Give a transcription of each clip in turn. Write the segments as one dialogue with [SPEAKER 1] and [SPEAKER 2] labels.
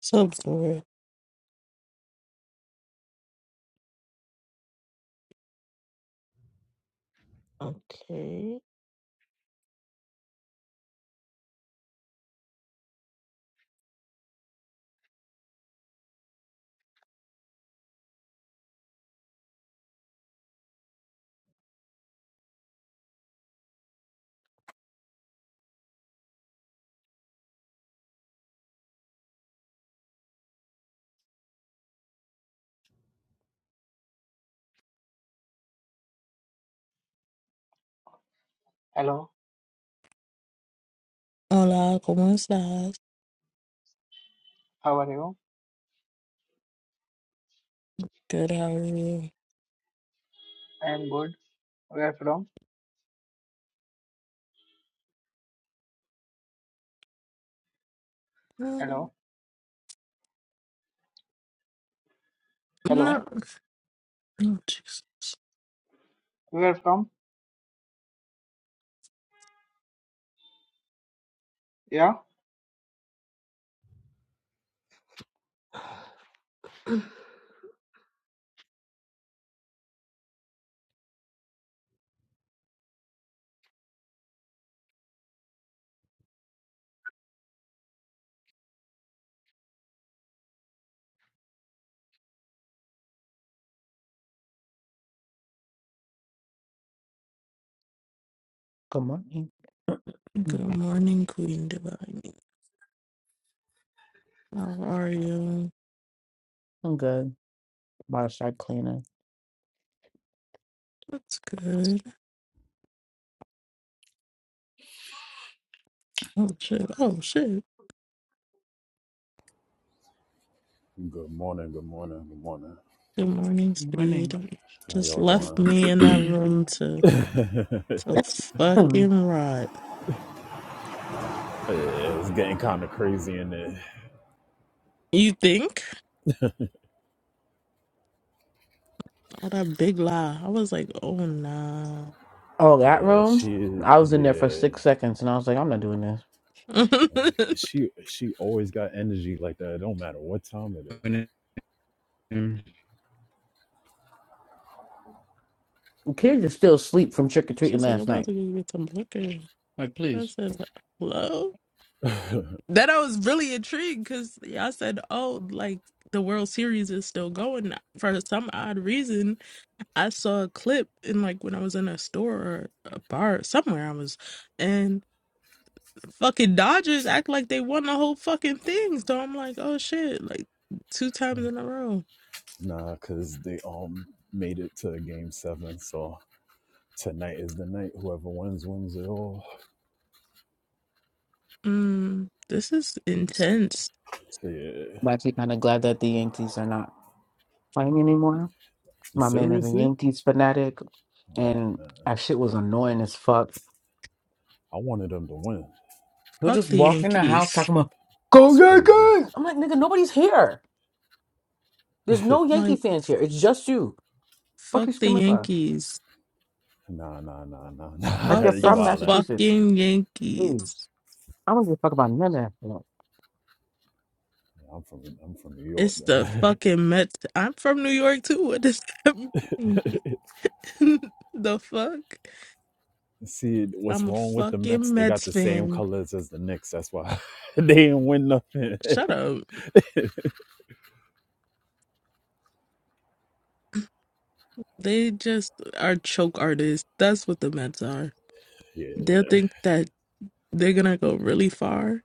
[SPEAKER 1] Some sort. Okay.
[SPEAKER 2] Hello,
[SPEAKER 1] Hola, ¿cómo estás?
[SPEAKER 2] how are you?
[SPEAKER 1] Good, how are you?
[SPEAKER 2] I am good. Where from?
[SPEAKER 1] Um,
[SPEAKER 2] Hello, hello.
[SPEAKER 1] No. Oh, jeez.
[SPEAKER 2] Where from? Yeah.
[SPEAKER 1] Good
[SPEAKER 3] Good morning. Mm,
[SPEAKER 1] morning, Queen Divine. How are you?
[SPEAKER 3] I'm good. About to start cleaning.
[SPEAKER 1] That's good. Oh, shit. Oh, shit.
[SPEAKER 4] Good morning, good morning, good morning.
[SPEAKER 1] Good morning,
[SPEAKER 3] Good morning.
[SPEAKER 1] Speed.
[SPEAKER 4] How
[SPEAKER 1] Just
[SPEAKER 4] y'all
[SPEAKER 1] left
[SPEAKER 4] doing?
[SPEAKER 1] me in that room to, to
[SPEAKER 3] Hmm.
[SPEAKER 1] fucking rot.
[SPEAKER 4] yeah, it's getting kind of crazy in there.
[SPEAKER 1] You think? Oh, that big lie. I was like, oh, nah.
[SPEAKER 3] oh, that
[SPEAKER 4] Yeah,
[SPEAKER 3] room?
[SPEAKER 4] she,
[SPEAKER 3] I was in there for
[SPEAKER 4] yeah,
[SPEAKER 3] six seconds and I was like, I'm not doing this.
[SPEAKER 4] she, she always got energy like that. It don't matter what time it is.
[SPEAKER 3] like, The kids are still asleep from trick or treating
[SPEAKER 1] She's like, I'm
[SPEAKER 3] last
[SPEAKER 1] about
[SPEAKER 3] night.
[SPEAKER 1] to go get some liquor.
[SPEAKER 3] Like,
[SPEAKER 1] I
[SPEAKER 3] please.
[SPEAKER 1] said, hello? That I was really intrigued because y'all said, oh, like the World Series is still going. For some odd reason, I saw a clip in like when I was in a store or a bar somewhere I was, and fucking Dodgers act like they won the whole fucking thing. So I'm like, oh shit, like two times in a row.
[SPEAKER 4] Nah, cause they all made it to game seven, so tonight is the night. Whoever wins, wins it all.
[SPEAKER 1] Mm, this is intense.
[SPEAKER 4] Yeah,
[SPEAKER 3] I'm actually kind of glad that the Yankees are not playing anymore. My man is a
[SPEAKER 4] seriously?
[SPEAKER 3] Yankees fanatic
[SPEAKER 4] Oh
[SPEAKER 3] and
[SPEAKER 4] man,
[SPEAKER 3] that shit was annoying as fuck.
[SPEAKER 4] I wanted them to win.
[SPEAKER 3] He'll
[SPEAKER 1] Fuck
[SPEAKER 3] just
[SPEAKER 1] the
[SPEAKER 3] walk in the house
[SPEAKER 1] Yankees.
[SPEAKER 3] talking about, Go
[SPEAKER 4] That's crazy.
[SPEAKER 3] Yankees! I'm like, nigga, nobody's here. There's no Yankee
[SPEAKER 1] Like,
[SPEAKER 3] fans here. It's just you. Fuck
[SPEAKER 1] fuck
[SPEAKER 3] you
[SPEAKER 1] the
[SPEAKER 3] screaming about?
[SPEAKER 1] Yankees.
[SPEAKER 4] nah, nah, nah, nah,
[SPEAKER 3] Like
[SPEAKER 4] nah.
[SPEAKER 1] Fuck
[SPEAKER 3] they're
[SPEAKER 4] you
[SPEAKER 1] the
[SPEAKER 3] from
[SPEAKER 4] wildin'.
[SPEAKER 3] Massachusetts.
[SPEAKER 1] fucking Yankees.
[SPEAKER 3] Please. I don't give a fuck about none of that. shit.
[SPEAKER 4] Yeah, I'm from I'm from New York,
[SPEAKER 1] It's the
[SPEAKER 4] man.
[SPEAKER 1] fucking Mets. I'm from New York too. What does that mean? the fuck?
[SPEAKER 4] See what's
[SPEAKER 1] I'm a
[SPEAKER 4] wrong with the
[SPEAKER 1] fucking
[SPEAKER 4] Mets? They got
[SPEAKER 1] Mets
[SPEAKER 4] the same
[SPEAKER 1] fan.
[SPEAKER 4] colors as the Knicks. That's why they didn't win nothing.
[SPEAKER 1] Shut up. They just are choke artists. That's what the Mets are.
[SPEAKER 4] yeah,
[SPEAKER 1] They'll think that they're gonna go really far,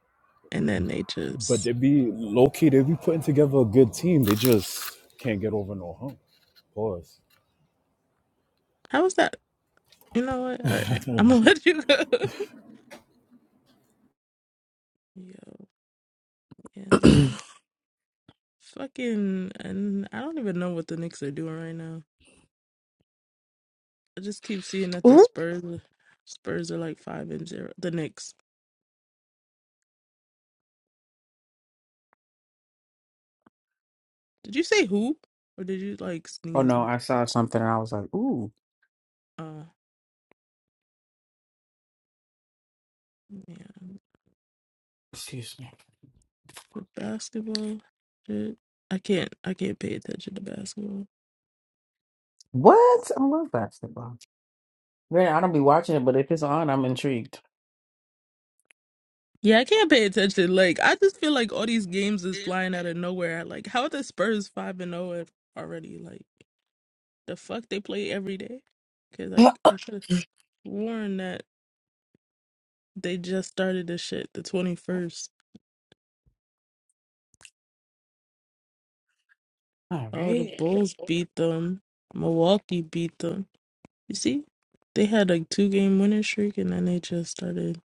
[SPEAKER 1] and then they
[SPEAKER 4] but
[SPEAKER 1] just.
[SPEAKER 4] they be low key. They be putting together a good team. They just can't get over no hump. Pause.
[SPEAKER 1] How is that? You know what? All right. I'm gonna let you go. Yo, and nah. Fucking, and I don't even know what the Knicks are doing right now. I just keep seeing that the
[SPEAKER 3] Ooh.
[SPEAKER 1] Spurs are- Spurs are like five and zero. The Knicks. Did you say who? Or did you like
[SPEAKER 3] Oh
[SPEAKER 1] sneeze?
[SPEAKER 3] no, I saw something and I was like, ooh,
[SPEAKER 1] Uh yeah.
[SPEAKER 3] excuse me.
[SPEAKER 1] The basketball shit. I can't I can't pay attention to basketball.
[SPEAKER 3] What? I love basketball. Man, I don't be watching it, but if it's on, I'm intrigued.
[SPEAKER 1] Yeah, I can't pay attention. Like I just feel like all these games is flying out of nowhere. Like how are the Spurs five and zero already? Like the fuck they play every day? Cause like
[SPEAKER 3] All
[SPEAKER 1] I could have sworn that they just started this shit the twenty first. Oh, the
[SPEAKER 3] right.
[SPEAKER 1] Bulls beat them. Milwaukee beat them. You see, they had a two game winning streak and then they just started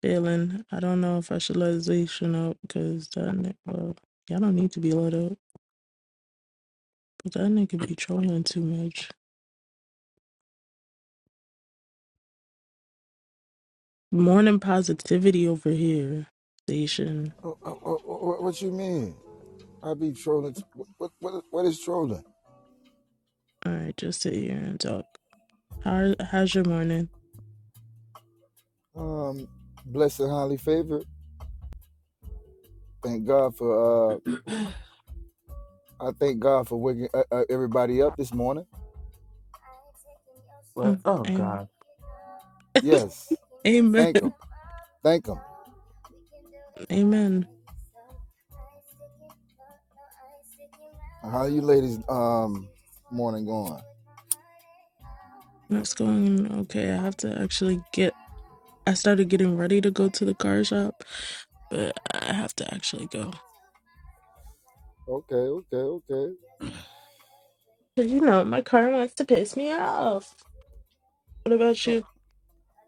[SPEAKER 1] failing. I don't know if I should let Zation up because that nigga, well, y'all don't need to be let up, but that nigga be trolling too much. Morning positivity over here, Zation.
[SPEAKER 5] What, what, what you mean? I be trolling. What, what, what is trolling?
[SPEAKER 1] All right, just sit here and talk. How, how's your morning?
[SPEAKER 5] Um, blessed and highly favored. Thank God for. Uh, I thank God for waking uh, uh, everybody up this morning.
[SPEAKER 3] But
[SPEAKER 1] Mm,
[SPEAKER 3] oh
[SPEAKER 1] am-
[SPEAKER 3] god.
[SPEAKER 5] Yes,
[SPEAKER 1] amen.
[SPEAKER 5] thank him. Thank him.
[SPEAKER 1] Amen.
[SPEAKER 5] How you ladies um morning going?
[SPEAKER 1] It's going okay. I have to actually get I started getting ready to go to the car shop, but I have to actually go.
[SPEAKER 5] Okay, okay, okay.
[SPEAKER 1] 'Cause you know, my car wants to piss me off. What about
[SPEAKER 5] Uh,
[SPEAKER 1] you?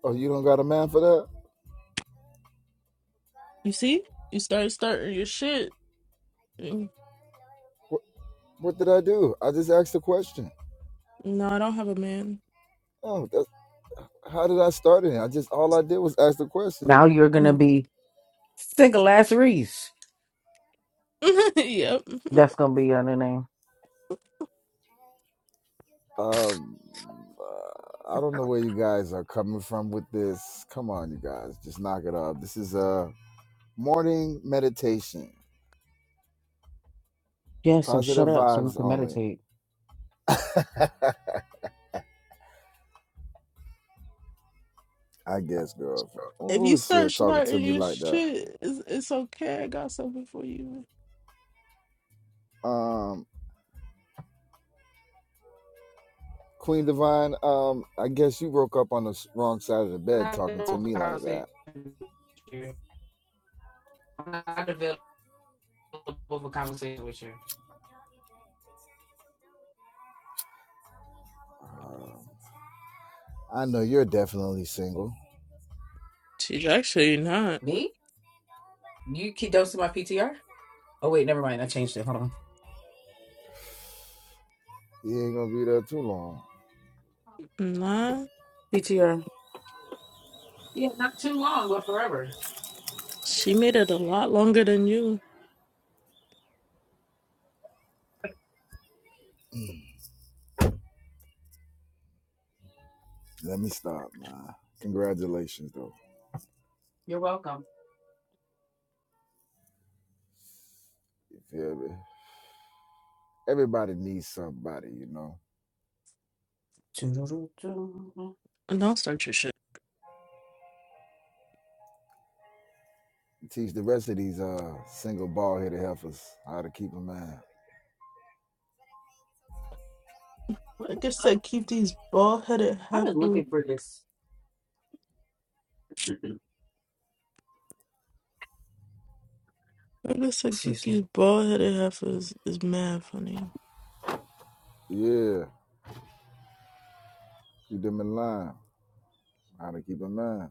[SPEAKER 5] Oh, you don't got a man for that?
[SPEAKER 1] You see? You started starting your shit. Mm.
[SPEAKER 5] What, what did I do? I just asked a question.
[SPEAKER 1] No, I don't have a man.
[SPEAKER 5] Oh, that's, how did I start it? I just all I did was ask the question.
[SPEAKER 3] Now you're gonna
[SPEAKER 1] Mm.
[SPEAKER 3] be single ass Reese.
[SPEAKER 1] yep.
[SPEAKER 3] That's gonna be on the name.
[SPEAKER 5] Um, uh, I don't know where you guys are coming from with this. Come on, you guys, just knock it off. This is a morning meditation,
[SPEAKER 3] Yeah, so shut
[SPEAKER 5] positive
[SPEAKER 3] up so we
[SPEAKER 5] vibes
[SPEAKER 3] can
[SPEAKER 5] only.
[SPEAKER 3] meditate.
[SPEAKER 5] I guess, girl.
[SPEAKER 1] If
[SPEAKER 5] Who
[SPEAKER 1] you
[SPEAKER 5] is uh,
[SPEAKER 1] start
[SPEAKER 5] talking to
[SPEAKER 1] starting
[SPEAKER 5] me
[SPEAKER 1] your
[SPEAKER 5] like that?
[SPEAKER 1] shit, it's, it's okay. I got something for you.
[SPEAKER 5] Um, Queen Divine. Um, I guess you woke up on the s- wrong side of the
[SPEAKER 3] I'm
[SPEAKER 5] bed
[SPEAKER 3] not
[SPEAKER 5] talking
[SPEAKER 3] available
[SPEAKER 5] to me like
[SPEAKER 3] for
[SPEAKER 5] that.
[SPEAKER 3] conversation with you. I'm not available for conversation with you.
[SPEAKER 5] Um, I know you're definitely single.
[SPEAKER 1] She's actually not.
[SPEAKER 3] Me? You keep don't see my PTR? Oh wait, never mind. I changed it. Hold on.
[SPEAKER 5] You ain't gonna be there too long.
[SPEAKER 1] Nah.
[SPEAKER 3] PTR. Yeah, not too long, but forever.
[SPEAKER 1] She made it a lot longer than you.
[SPEAKER 5] Let me stop, man. Congratulations, though.
[SPEAKER 3] You're welcome.
[SPEAKER 5] You feel me? everybody needs somebody, you know.
[SPEAKER 3] Doo-doo-doo-doo.
[SPEAKER 1] And don't start your shit.
[SPEAKER 5] Teach the rest of these uh single ball headed heifers how to keep a man.
[SPEAKER 3] What the
[SPEAKER 1] Like I
[SPEAKER 3] fuck?
[SPEAKER 1] said, keep these bald headed
[SPEAKER 3] I've been
[SPEAKER 1] heifers.
[SPEAKER 3] looking for this.
[SPEAKER 1] I guess like
[SPEAKER 3] Excuse me.
[SPEAKER 1] Kiki's bald headed heifer is, is mad funny.
[SPEAKER 5] Yeah, keep them in line. How to keep a man.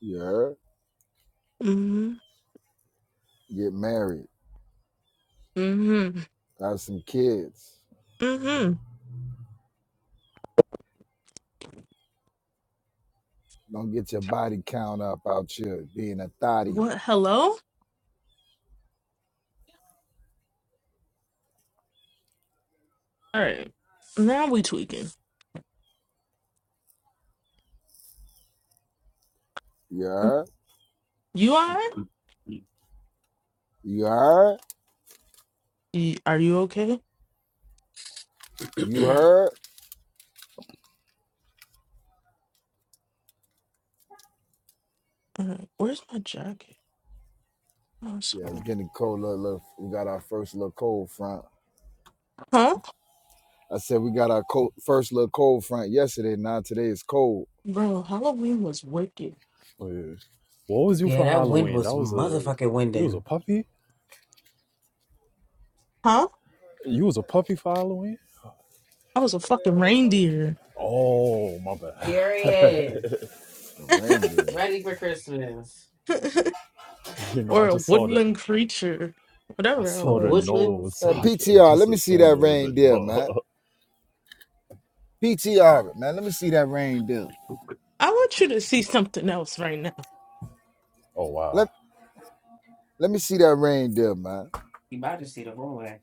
[SPEAKER 5] You heard?
[SPEAKER 1] Mm-hmm.
[SPEAKER 5] Get married.
[SPEAKER 1] Mm-hmm.
[SPEAKER 5] Have some kids.
[SPEAKER 1] Mm-hmm.
[SPEAKER 5] Don't get your body count up out here being a thotty.
[SPEAKER 1] What hello? Alright. Now we tweaking.
[SPEAKER 5] You heard?
[SPEAKER 1] You alright?
[SPEAKER 5] You heard?
[SPEAKER 1] Y- Are you okay?
[SPEAKER 5] You heard?
[SPEAKER 1] Alright. Where's my jacket? Oh, it's
[SPEAKER 5] Yeah,
[SPEAKER 1] over
[SPEAKER 5] it's getting cold. Little, little, we got our first little cold front.
[SPEAKER 1] Huh?
[SPEAKER 5] I said we got our cold, first little cold front yesterday. Now today it's cold.
[SPEAKER 1] Bro, Halloween was wicked.
[SPEAKER 4] Oh, Yeah. what was you
[SPEAKER 3] yeah,
[SPEAKER 4] for
[SPEAKER 3] that wind
[SPEAKER 4] Halloween?
[SPEAKER 3] was
[SPEAKER 4] That was a
[SPEAKER 3] motherfucking
[SPEAKER 4] you was a
[SPEAKER 3] winding.
[SPEAKER 4] puppy.
[SPEAKER 1] Huh?
[SPEAKER 4] You was a puppy for Halloween.
[SPEAKER 1] I was a fucking reindeer.
[SPEAKER 4] Oh my bad.
[SPEAKER 3] Period.
[SPEAKER 5] The reindeer.
[SPEAKER 3] Ready for Christmas.
[SPEAKER 4] you know, I
[SPEAKER 1] or a
[SPEAKER 4] just saw the
[SPEAKER 1] woodland creature.
[SPEAKER 4] I
[SPEAKER 1] Whatever I
[SPEAKER 3] A
[SPEAKER 4] saw the
[SPEAKER 1] was.
[SPEAKER 3] woodlands
[SPEAKER 4] nose, so
[SPEAKER 5] Uh,
[SPEAKER 4] I
[SPEAKER 3] creature.
[SPEAKER 5] PTR,
[SPEAKER 4] just
[SPEAKER 5] let me see
[SPEAKER 4] assumed
[SPEAKER 5] that
[SPEAKER 4] it was a
[SPEAKER 5] reindeer, man.
[SPEAKER 4] dog.
[SPEAKER 5] PTR, it, man. Let me see that reindeer.
[SPEAKER 1] I want you to see something else right now.
[SPEAKER 4] Oh
[SPEAKER 5] Let
[SPEAKER 4] wow.
[SPEAKER 5] Let me see that reindeer, man.
[SPEAKER 3] You about to see the whole way.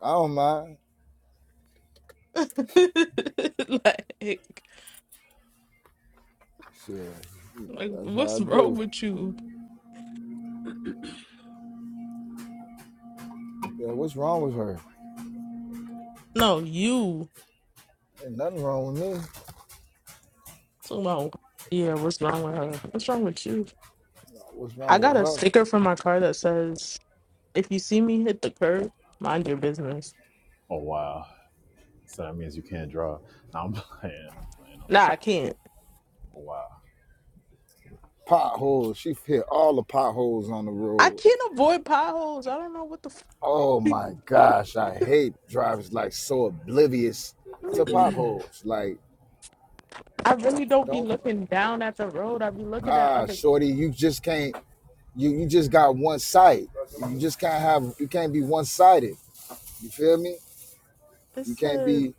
[SPEAKER 5] I don't mind.
[SPEAKER 1] like
[SPEAKER 5] Shit, you know,
[SPEAKER 1] Like,
[SPEAKER 5] that's how
[SPEAKER 1] what's
[SPEAKER 5] I
[SPEAKER 1] wrong
[SPEAKER 5] do.
[SPEAKER 1] with you?
[SPEAKER 5] Yeah, what's wrong with her?
[SPEAKER 1] No, you.
[SPEAKER 5] Ain't nothing wrong with me.
[SPEAKER 1] Talking about, yeah, what's wrong with her? What's wrong with you?
[SPEAKER 5] Nah, What's
[SPEAKER 1] I
[SPEAKER 5] wrong
[SPEAKER 1] got
[SPEAKER 5] with
[SPEAKER 1] a
[SPEAKER 5] her?
[SPEAKER 1] sticker from my car that says, if you see me hit the curb, mind your business.
[SPEAKER 4] Oh wow. So that means you can't draw. No, I'm playing. I'm playing. I'm
[SPEAKER 1] Nah, I
[SPEAKER 4] playing.
[SPEAKER 1] can't.
[SPEAKER 4] Oh, Wow.
[SPEAKER 5] Potholes. She hit all the potholes on the
[SPEAKER 1] I
[SPEAKER 5] road.
[SPEAKER 1] can't avoid potholes. I don't know what the
[SPEAKER 5] Oh my gosh, I hate drivers like so oblivious to
[SPEAKER 1] fuck.
[SPEAKER 5] potholes. Like,
[SPEAKER 1] I really don't be
[SPEAKER 5] don't
[SPEAKER 1] looking down at the road. I be looking at
[SPEAKER 5] nah,
[SPEAKER 1] other.
[SPEAKER 5] shorty, you just can't. You you just got one side. You just can't have you can't be one sided. You feel me?
[SPEAKER 1] It
[SPEAKER 5] You can't
[SPEAKER 1] says,
[SPEAKER 5] be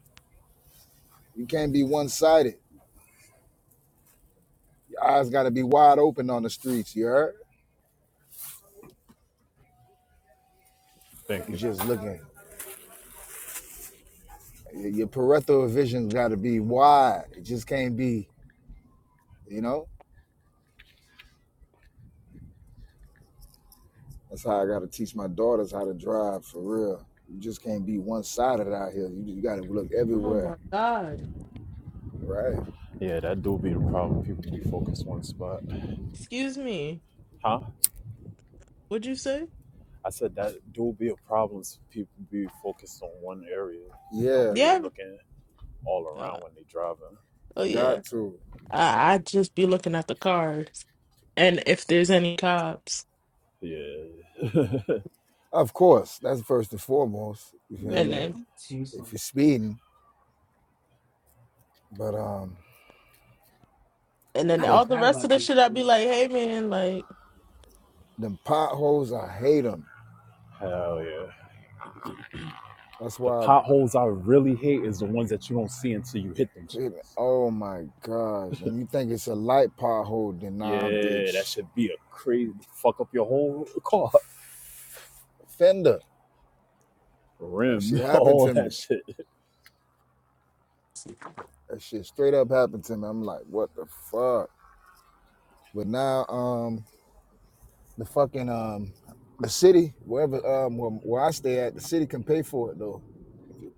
[SPEAKER 5] you can't be one sided. Your eyes gotta be wide open on the streets, you heard?
[SPEAKER 4] Thank
[SPEAKER 5] You
[SPEAKER 4] you.
[SPEAKER 5] just looking. Your your peripheral vision's gotta be wide. It just can't be, you know? That's how I gotta teach my daughters how to drive for real. You just can't be one sided out here. You just gotta look
[SPEAKER 1] oh
[SPEAKER 5] everywhere.
[SPEAKER 1] my God.
[SPEAKER 5] Right.
[SPEAKER 4] Yeah, that do be the problem. People be focused on one spot.
[SPEAKER 1] Excuse me.
[SPEAKER 4] Huh?
[SPEAKER 1] What'd you say?
[SPEAKER 4] I said that do be a problem. People be focused on one area. They don't
[SPEAKER 5] Yeah,
[SPEAKER 4] be
[SPEAKER 1] Yeah.
[SPEAKER 4] looking all
[SPEAKER 1] Oh,
[SPEAKER 4] around when they driving.
[SPEAKER 1] oh yeah.
[SPEAKER 5] got to.
[SPEAKER 1] I, I just be looking at the cars and if there's any cops.
[SPEAKER 4] Yeah.
[SPEAKER 5] Of course, that's first and foremost. You feel
[SPEAKER 1] And
[SPEAKER 5] me?
[SPEAKER 4] yeah.
[SPEAKER 1] then
[SPEAKER 3] Seriously.
[SPEAKER 5] If you're speeding, But um,
[SPEAKER 1] and then
[SPEAKER 3] I
[SPEAKER 5] but
[SPEAKER 1] all the
[SPEAKER 3] forgot
[SPEAKER 1] rest
[SPEAKER 3] about
[SPEAKER 1] of the
[SPEAKER 3] these
[SPEAKER 1] shit I'd be
[SPEAKER 3] things.
[SPEAKER 1] like, hey man, like
[SPEAKER 5] them potholes, I hate them.
[SPEAKER 4] Hell yeah.
[SPEAKER 5] That's
[SPEAKER 4] The
[SPEAKER 5] why. I
[SPEAKER 4] potholes I really hate is the ones that you don't see until you hit them
[SPEAKER 5] hate it.
[SPEAKER 4] shits.
[SPEAKER 5] Oh my gosh! And you think it's a light pothole? Then nah,
[SPEAKER 4] Yeah, that
[SPEAKER 5] bitch.
[SPEAKER 4] should be a crazy fuck up your whole car.
[SPEAKER 5] Fender. That shit
[SPEAKER 4] rimmed,
[SPEAKER 5] happened
[SPEAKER 4] all
[SPEAKER 5] to me.
[SPEAKER 4] that shit.
[SPEAKER 5] That shit straight up happened to me. I'm like, what the fuck? But now, um, the fucking um, the city, wherever um, where, where I stay at, the city can pay for it though. If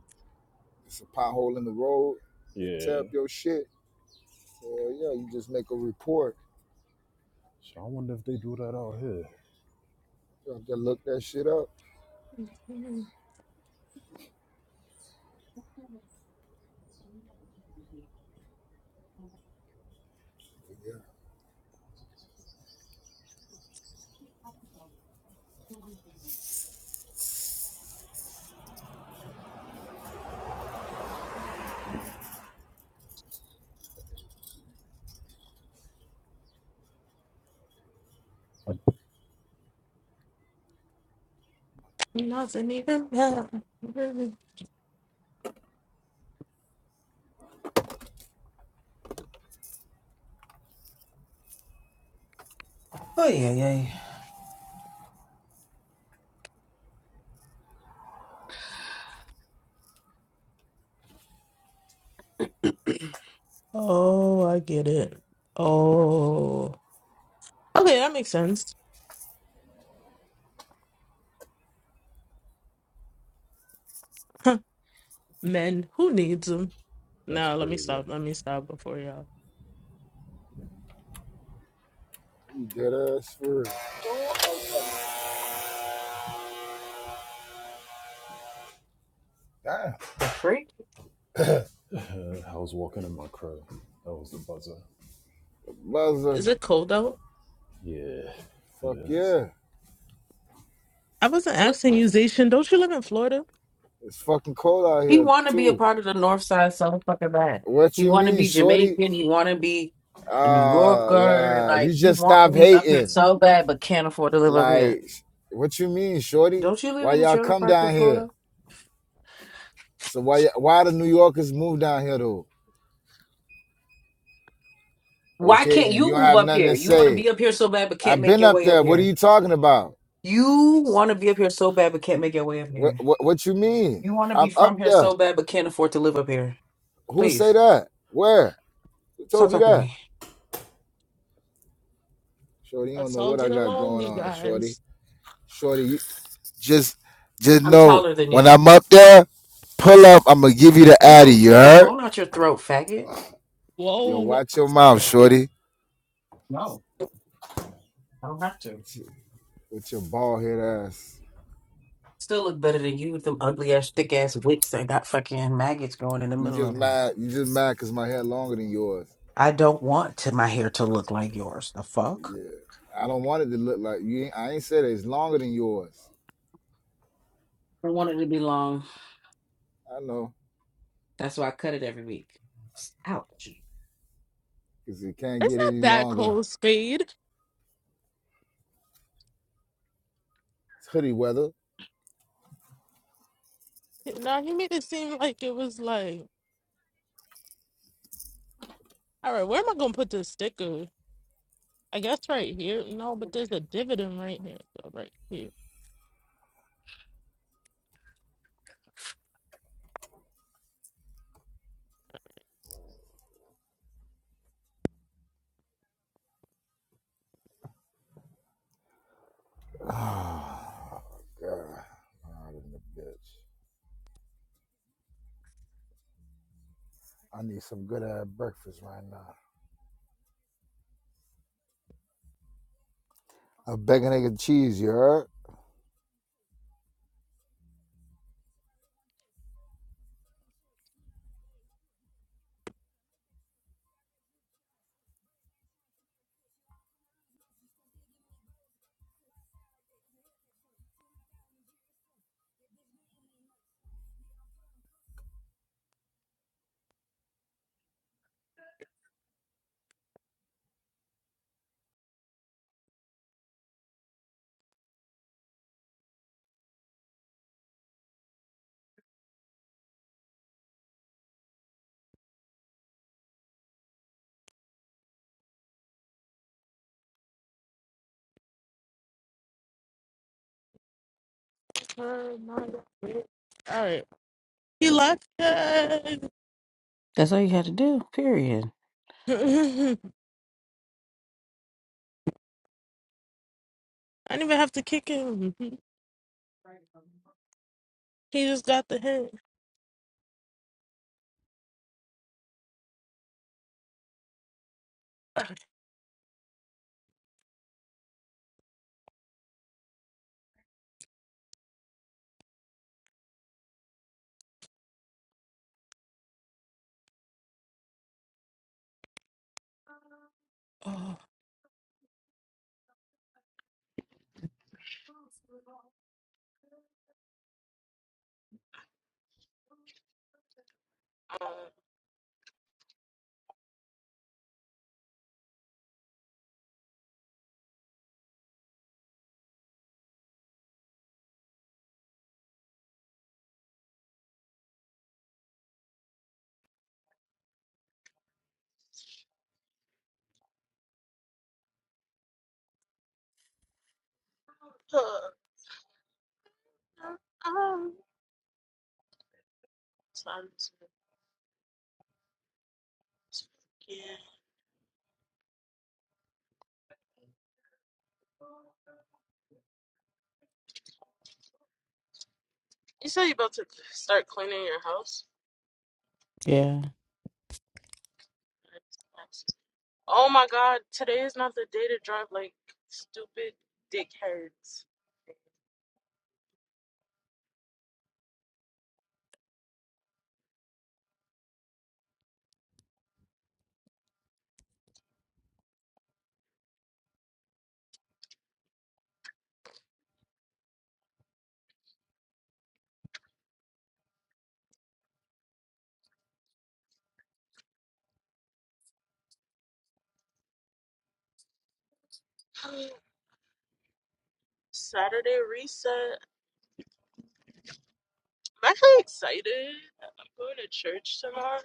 [SPEAKER 5] it's a pothole in the road, tear up
[SPEAKER 4] Yeah.
[SPEAKER 5] your shit. Hell yeah, you just make a report.
[SPEAKER 4] So I wonder if they do that out here.
[SPEAKER 5] You have to look that shit up. Yeah.
[SPEAKER 1] nothing even matter.
[SPEAKER 3] Oh yeah, yeah.
[SPEAKER 1] Oh, I get it. Oh. Okay, that makes sense. Men, who needs them?
[SPEAKER 4] That's
[SPEAKER 1] No, let me
[SPEAKER 4] crazy.
[SPEAKER 1] stop. Let me stop before y'all.
[SPEAKER 5] You dead ass for real. Damn.
[SPEAKER 3] The freak?
[SPEAKER 4] Uh, I was walking in my crib. That was the buzzer.
[SPEAKER 1] Is
[SPEAKER 5] Buzzer.
[SPEAKER 1] it cold out?
[SPEAKER 4] Yeah, it
[SPEAKER 5] Fuck
[SPEAKER 4] is.
[SPEAKER 5] yeah.
[SPEAKER 1] I wasn't asking you, Zation. Don't you live in Florida?
[SPEAKER 5] It's fucking cold out
[SPEAKER 3] He
[SPEAKER 5] here
[SPEAKER 3] want to be a
[SPEAKER 5] too.
[SPEAKER 3] part of the North Side so fucking bad.
[SPEAKER 5] What
[SPEAKER 3] He
[SPEAKER 5] you
[SPEAKER 3] want to
[SPEAKER 5] mean,
[SPEAKER 3] be
[SPEAKER 5] shorty?
[SPEAKER 3] Jamaican. He want to be a New
[SPEAKER 5] Ah,
[SPEAKER 3] Yorker.
[SPEAKER 5] la. You
[SPEAKER 3] Like he
[SPEAKER 5] just
[SPEAKER 3] want to
[SPEAKER 5] stop
[SPEAKER 3] be up here
[SPEAKER 5] hating.
[SPEAKER 3] so bad, but can't afford to live up here.
[SPEAKER 5] Like, what you mean, shorty?
[SPEAKER 3] Don't you live
[SPEAKER 5] Why
[SPEAKER 3] in a
[SPEAKER 5] y'all
[SPEAKER 3] trailer
[SPEAKER 5] come
[SPEAKER 3] park in
[SPEAKER 5] down
[SPEAKER 3] Florida?
[SPEAKER 5] here? So why why the New Yorkers move down here though?
[SPEAKER 3] Why
[SPEAKER 5] Okay,
[SPEAKER 3] can't
[SPEAKER 5] then you
[SPEAKER 3] you
[SPEAKER 5] don't
[SPEAKER 3] move
[SPEAKER 5] have
[SPEAKER 3] up
[SPEAKER 5] nothing
[SPEAKER 3] here?
[SPEAKER 5] to
[SPEAKER 3] You want to
[SPEAKER 5] say.
[SPEAKER 3] be up here so bad, but can't
[SPEAKER 5] I've
[SPEAKER 3] make
[SPEAKER 5] been
[SPEAKER 3] your
[SPEAKER 5] up
[SPEAKER 3] way up
[SPEAKER 5] there. What are
[SPEAKER 3] here.
[SPEAKER 5] you talking about?
[SPEAKER 3] You want to be up here so bad, but can't make your way up
[SPEAKER 5] What
[SPEAKER 3] here.
[SPEAKER 5] what, what you mean?
[SPEAKER 3] You want to be
[SPEAKER 5] I'm up
[SPEAKER 3] from here so
[SPEAKER 5] there.
[SPEAKER 3] bad, but can't afford to live up here.
[SPEAKER 5] Who say
[SPEAKER 3] Please
[SPEAKER 5] that? Where? Who
[SPEAKER 3] stop
[SPEAKER 5] told you
[SPEAKER 3] talking to
[SPEAKER 5] that?
[SPEAKER 3] me.
[SPEAKER 5] Shorty, you don't
[SPEAKER 1] Let's
[SPEAKER 5] know
[SPEAKER 1] all
[SPEAKER 5] what I
[SPEAKER 1] get
[SPEAKER 5] got
[SPEAKER 1] along,
[SPEAKER 5] going
[SPEAKER 1] you
[SPEAKER 5] on,
[SPEAKER 1] guys.
[SPEAKER 5] Shorty. Shorty, you just just
[SPEAKER 3] I'm
[SPEAKER 5] know
[SPEAKER 3] taller than
[SPEAKER 5] when
[SPEAKER 3] you.
[SPEAKER 5] I'm up there, pull up. I'm gonna give you the addy.
[SPEAKER 3] Ew!
[SPEAKER 5] You
[SPEAKER 3] Take the
[SPEAKER 5] heard?
[SPEAKER 3] phone out your throat, faggot.
[SPEAKER 5] Yo,
[SPEAKER 1] Whoa,
[SPEAKER 5] watch your mouth, Shorty.
[SPEAKER 3] No, I don't have to.
[SPEAKER 5] With your, with your bald head ass.
[SPEAKER 3] Still look better than you with them ugly ass, thick ass wigs that got fucking maggots growing in the
[SPEAKER 5] You
[SPEAKER 3] middle
[SPEAKER 5] just
[SPEAKER 3] of them.
[SPEAKER 5] mad. You just mad because my hair longer than yours.
[SPEAKER 3] I don't want to, my hair to look like yours. The fuck?
[SPEAKER 5] Yeah, I don't want it to look like you. Ain't, I ain't said it, it's longer than yours.
[SPEAKER 3] I want it to be long.
[SPEAKER 5] I know
[SPEAKER 3] That's why I cut it every week. Ouch.
[SPEAKER 5] because it can't
[SPEAKER 1] it's
[SPEAKER 5] get
[SPEAKER 1] not
[SPEAKER 5] any
[SPEAKER 1] that
[SPEAKER 5] longer.
[SPEAKER 1] cold, Spade.
[SPEAKER 5] It's hoodie weather.
[SPEAKER 1] Now he made it seem like it was like, all right, where am I gonna put this sticker? I guess right here. No, but there's a dividend right here. So right here.
[SPEAKER 5] Oh, God. I'm the bitch. I need some good ass breakfast right now. A bacon, egg, and cheese, you heard?
[SPEAKER 1] Oh my God. All right. He left. Yay.
[SPEAKER 3] That's all you had to do. Period.
[SPEAKER 1] I didn't even have to kick him. He just got the hit. Oh. Sounds like- yeah. You said you about to start cleaning your house.
[SPEAKER 3] Yeah.
[SPEAKER 1] Oh my God, today is not the day to drive like stupid dickheads. Saturday reset. I'm actually excited. I'm going to church tomorrow.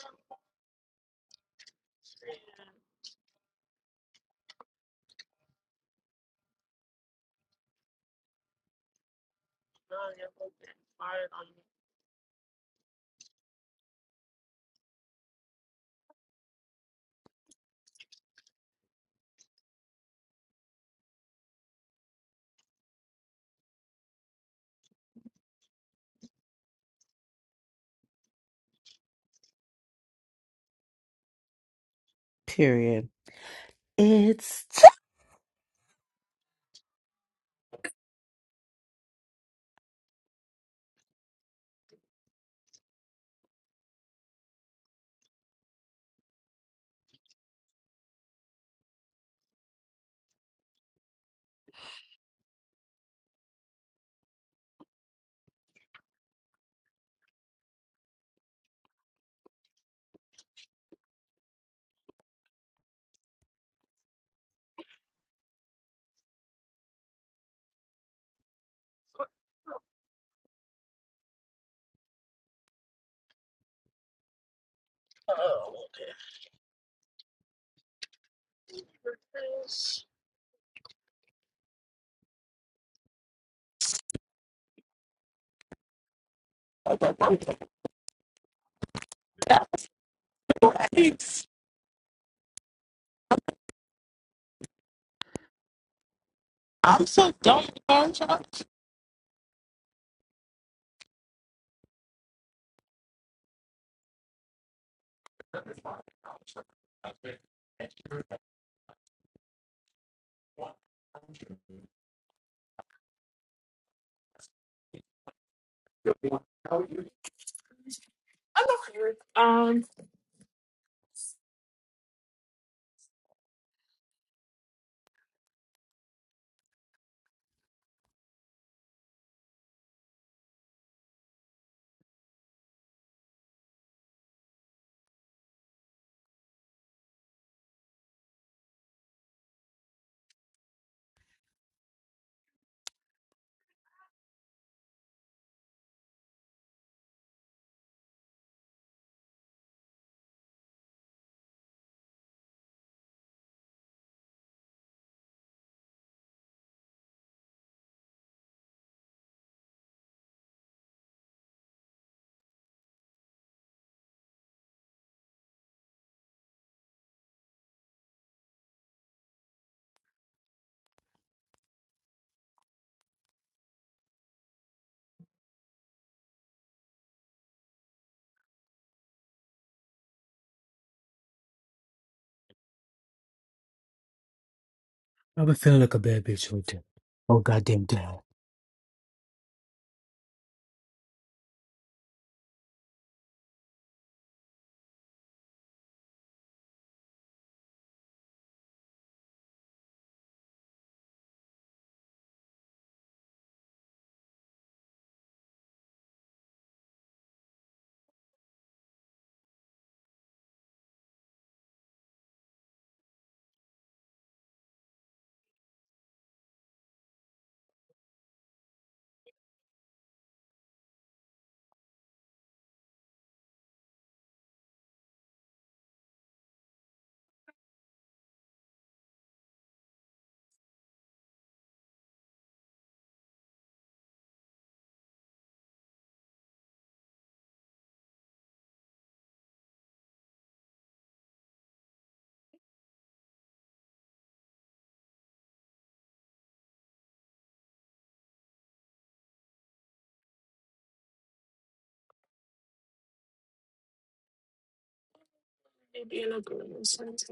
[SPEAKER 1] And, uh, yeah, I'm open. Fire on me.
[SPEAKER 3] Period. It's. T-
[SPEAKER 1] Oh, okay. I got one thing. Thanks. I'm so dumb. bro. I'm trying- I'm okay with um
[SPEAKER 3] I've been feeling like a bad bitch all day. Oh goddamn damn.
[SPEAKER 1] being a girl sometimes.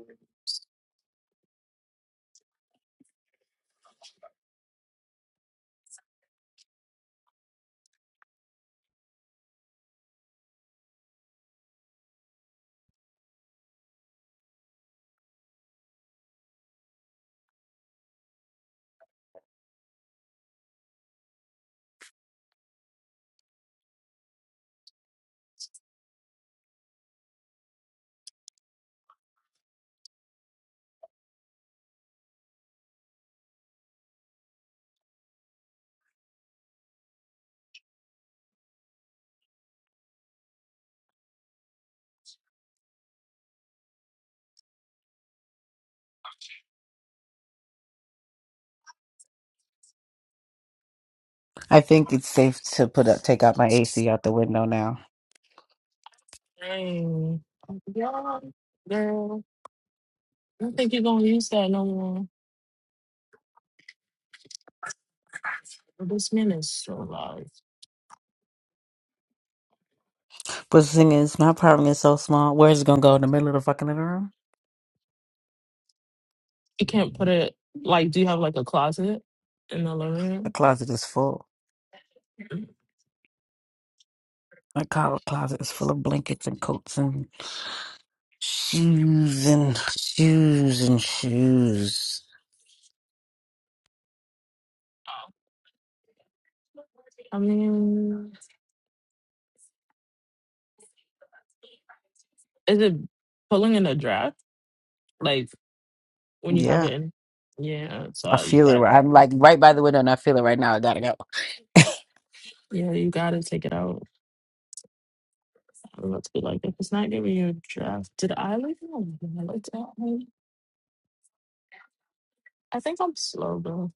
[SPEAKER 3] I think it's safe to put up, take out my AC out the window now.
[SPEAKER 1] Dang. Yeah, girl. I don't think you're gonna use that no more. This man is so loud.
[SPEAKER 3] But the thing is, my apartment is so small. Where is it gonna go in the middle of the fucking living room?
[SPEAKER 1] You can't put it like do you have like a closet in the living
[SPEAKER 3] The
[SPEAKER 1] room?
[SPEAKER 3] closet is full.
[SPEAKER 1] Oh.
[SPEAKER 3] My co- closet is full of blankets and coats and shoes and shoes and shoes.
[SPEAKER 1] I mean is it pulling in a draft? Like when you have
[SPEAKER 3] Yeah,
[SPEAKER 1] it in Yeah,
[SPEAKER 3] I
[SPEAKER 1] so you
[SPEAKER 3] feel it.
[SPEAKER 1] got
[SPEAKER 3] right- I'm like right by the window, and I feel it right now. I gotta go.
[SPEAKER 1] yeah, you gotta take it out. I'm about to be like, if it's not giving you a draft, did I leave it on? Did I like that one? I think I'm slow though.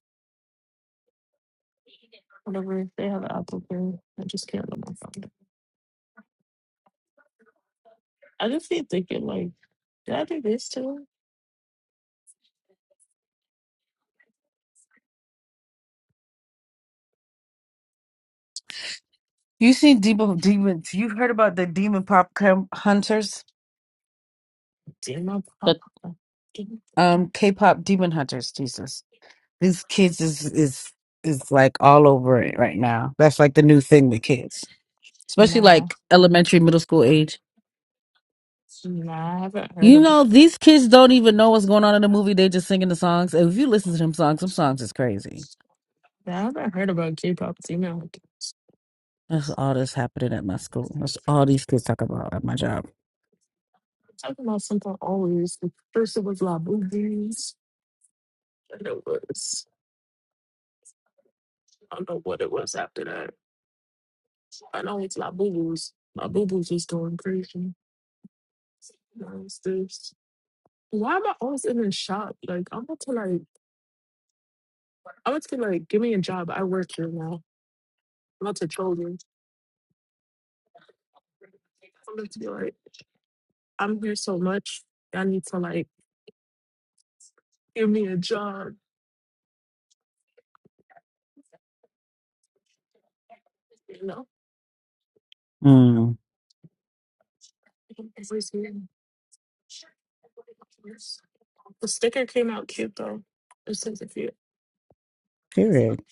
[SPEAKER 1] Whatever, they have an Apple Pay. I just can't look my phone. down. I just keep thinking, like, did I do this too?
[SPEAKER 3] You seen demon demons? You've heard about the demon pop cam- hunters,
[SPEAKER 1] Did my pop
[SPEAKER 3] the
[SPEAKER 1] up?
[SPEAKER 3] um K-pop demon hunters. Jesus, these kids is is is like all over it right now. That's like the new thing with kids, especially
[SPEAKER 1] Nah,
[SPEAKER 3] like elementary, middle school age.
[SPEAKER 1] nah, I haven't heard
[SPEAKER 3] You
[SPEAKER 1] of it.
[SPEAKER 3] know, these kids don't even know what's going on in the movie. They just singing the songs. And If you listen to them songs, some songs is crazy.
[SPEAKER 1] Nah, I haven't heard about K-pop demon.
[SPEAKER 3] That's all that's happening at my school. That's all these kids talk about at my job.
[SPEAKER 1] Talking about something always. First it was La Boo-Boos. And it was, I don't know what it was after that. I know it's La Boo-Boos. La Boo-Boos was going crazy. Now this. Why am I always in a shop? Like, I'm about to, like, I'm about to like, give me a job. I work here now. I'm about to troll you. I'm about to be like, I'm here so much. I need to, like, give me a job. No,
[SPEAKER 3] Mm,
[SPEAKER 1] it's weird. The sticker came out cute though. It says if you.
[SPEAKER 3] period.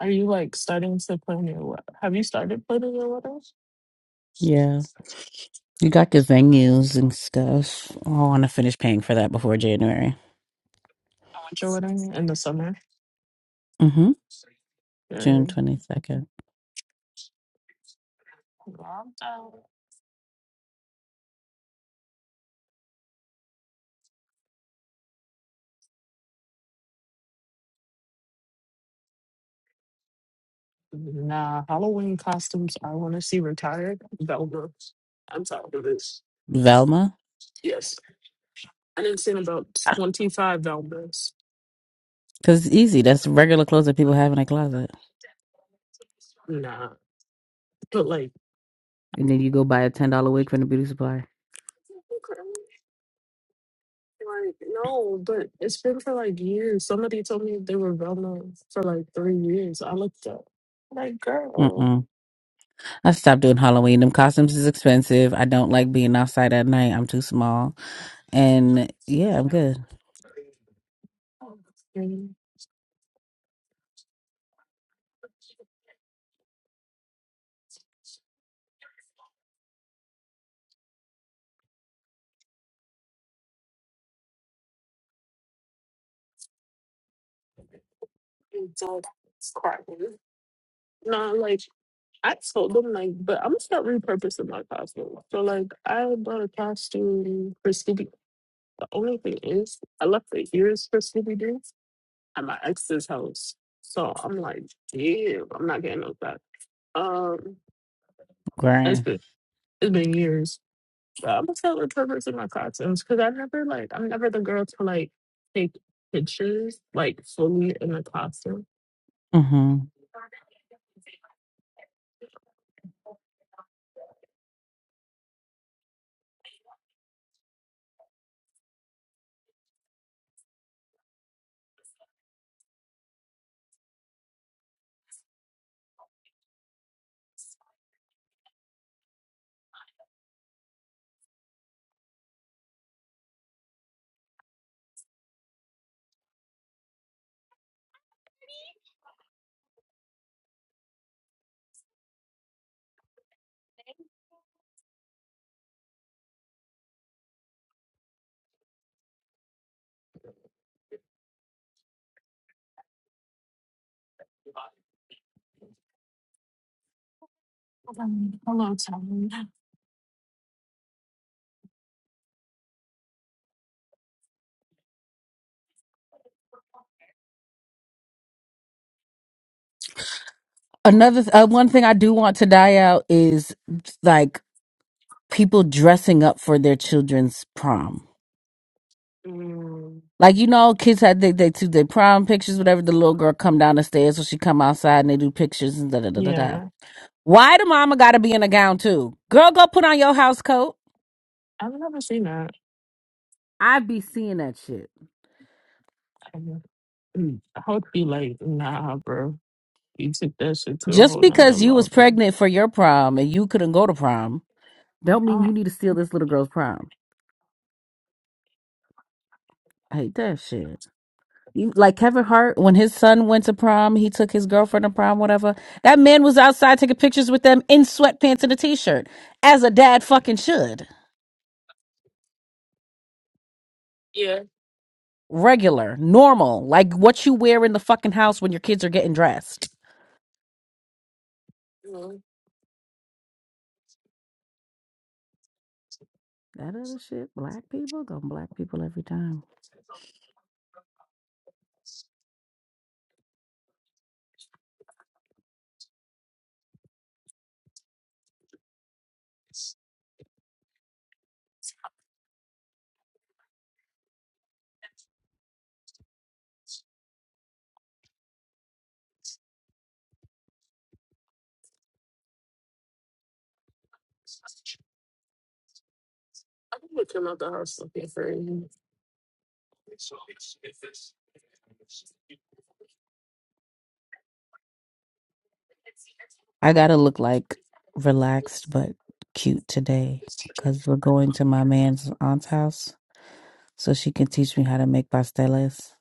[SPEAKER 1] Are you like starting to plan your wed- Have you started planning your wedding?
[SPEAKER 3] Yeah. You got the venues and stuff. Oh, I want to finish paying for that before January.
[SPEAKER 1] I want your wedding in the summer.
[SPEAKER 3] Mm-hmm. June
[SPEAKER 1] Yeah.
[SPEAKER 3] 22nd.
[SPEAKER 1] Love that. Nah, Halloween costumes I want to see retired. Velma. I'm tired of this.
[SPEAKER 3] Velma?
[SPEAKER 1] Yes. I didn't see about 25 Velmas.
[SPEAKER 3] Because it's easy. That's regular clothes that people have in a closet.
[SPEAKER 1] Nah. But like,
[SPEAKER 3] And then you go buy a ten dollar wig from the beauty supply.
[SPEAKER 1] okay. Like, no, but it's been for like years. Somebody told me they were Velma for like three years. I looked up. Like, girl.
[SPEAKER 3] Mm-mm. I stopped doing Halloween. Them costumes is expensive. I don't like being outside at night. I'm too small. And yeah, I'm good.
[SPEAKER 1] Mm. It's all- it's crappy. No, like, I told them, like, but I'm gonna start repurposing my costume. So, like, I bought a costume for Scooby. The only thing is, I left the ears for Scooby Doo. at my ex's house. So I'm like, damn, I'm not getting those back. Um, it's
[SPEAKER 3] Grind.
[SPEAKER 1] been it's been years. But I'm gonna tell the purpose of my costumes because I never like I'm never the girl to like take pictures like fully in the costume.
[SPEAKER 3] hmm
[SPEAKER 1] Um, hello, Tom.
[SPEAKER 3] Another th- uh, one thing I do want to die out is like people dressing up for their children's prom.
[SPEAKER 1] Mm,
[SPEAKER 3] Like you know, kids had they they do their prom pictures, whatever. The little girl come down the stairs, so she come outside and they do pictures and da da da da da.
[SPEAKER 1] yeah,
[SPEAKER 3] Why the mama gotta be in a gown too? Girl, go put on your house coat.
[SPEAKER 1] I've never seen that.
[SPEAKER 3] I be seeing that shit.
[SPEAKER 1] Um, mm, I would be like, nah, bro, you took that shit to a
[SPEAKER 3] Just
[SPEAKER 1] whole nother
[SPEAKER 3] because you was
[SPEAKER 1] level.
[SPEAKER 3] pregnant for your prom and you couldn't go to prom, don't mean you need to steal this little girl's prom. I hate that shit. You, like Kevin Hart, when his son went to prom, he took his girlfriend to prom, whatever. That man was outside taking pictures with them in sweatpants and a t-shirt, as a dad fucking should.
[SPEAKER 1] Yeah.
[SPEAKER 3] Regular, normal, like what you wear in the fucking house when your kids are getting dressed.
[SPEAKER 1] mm.
[SPEAKER 3] That other shit, black people go black people every time.
[SPEAKER 1] I would come out the house looking for you.
[SPEAKER 3] I gotta look like relaxed but cute today because we're going to my man's aunt's house so she can teach me how to make pasteles.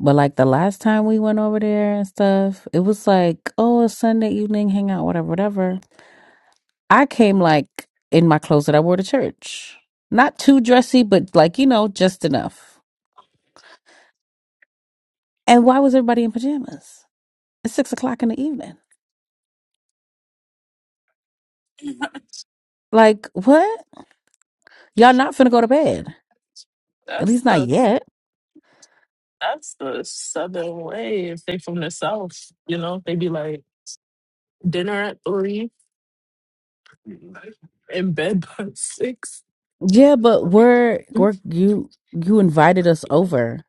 [SPEAKER 3] But like the last time we went over there and stuff, it was like, oh, a Sunday evening hangout, whatever, whatever. I came like in my clothes that I wore to church. Not too dressy, but like, you know, just enough. And why was everybody in pajamas? It's six o'clock in the evening. Like, what? Y'all not finna go to bed. At
[SPEAKER 1] That's
[SPEAKER 3] least not
[SPEAKER 1] the
[SPEAKER 3] yet.
[SPEAKER 1] that's the southern way. If they from the south, you know, they be like dinner at three in bed by 6
[SPEAKER 3] Yeah, but we're we're you you invited us over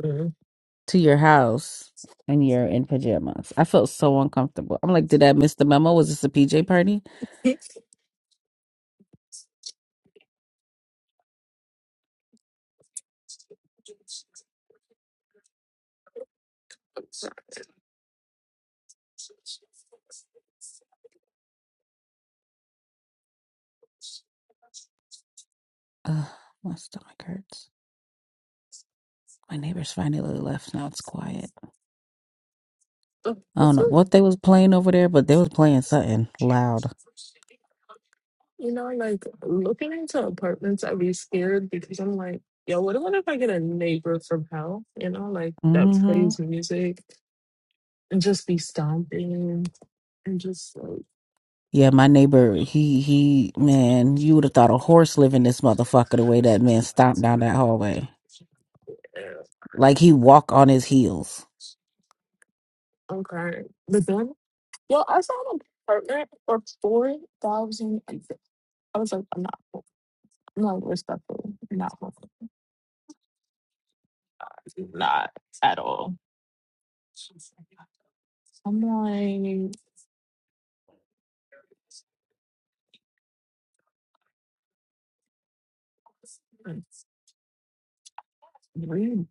[SPEAKER 1] Mhm.
[SPEAKER 3] to your house and you're in pajamas. I felt so uncomfortable. I'm like, did I miss the memo? Was this a PJ party? Ugh, my stomach hurts. My neighbors finally left. Now it's quiet.
[SPEAKER 1] Oh,
[SPEAKER 3] I don't
[SPEAKER 1] What's
[SPEAKER 3] know
[SPEAKER 1] up?
[SPEAKER 3] what they was playing over there, but they was playing something loud.
[SPEAKER 1] You know, like looking into apartments, I'd be scared because I'm like, yo, what what if I get a neighbor from hell? You know, like that
[SPEAKER 3] Mm-hmm.
[SPEAKER 1] plays music and just be stomping and just like.
[SPEAKER 3] Yeah, my neighbor, he he man, you would have thought a horse lived in this motherfucker the way that man stomped down that hallway.
[SPEAKER 1] Yeah.
[SPEAKER 3] Like he walk on his heels.
[SPEAKER 1] Okay. But then, yo, I saw an apartment for four thousand and fifty. I was like, I'm not, I'm not respectful, I'm not, moving. not at all. I'm like, read.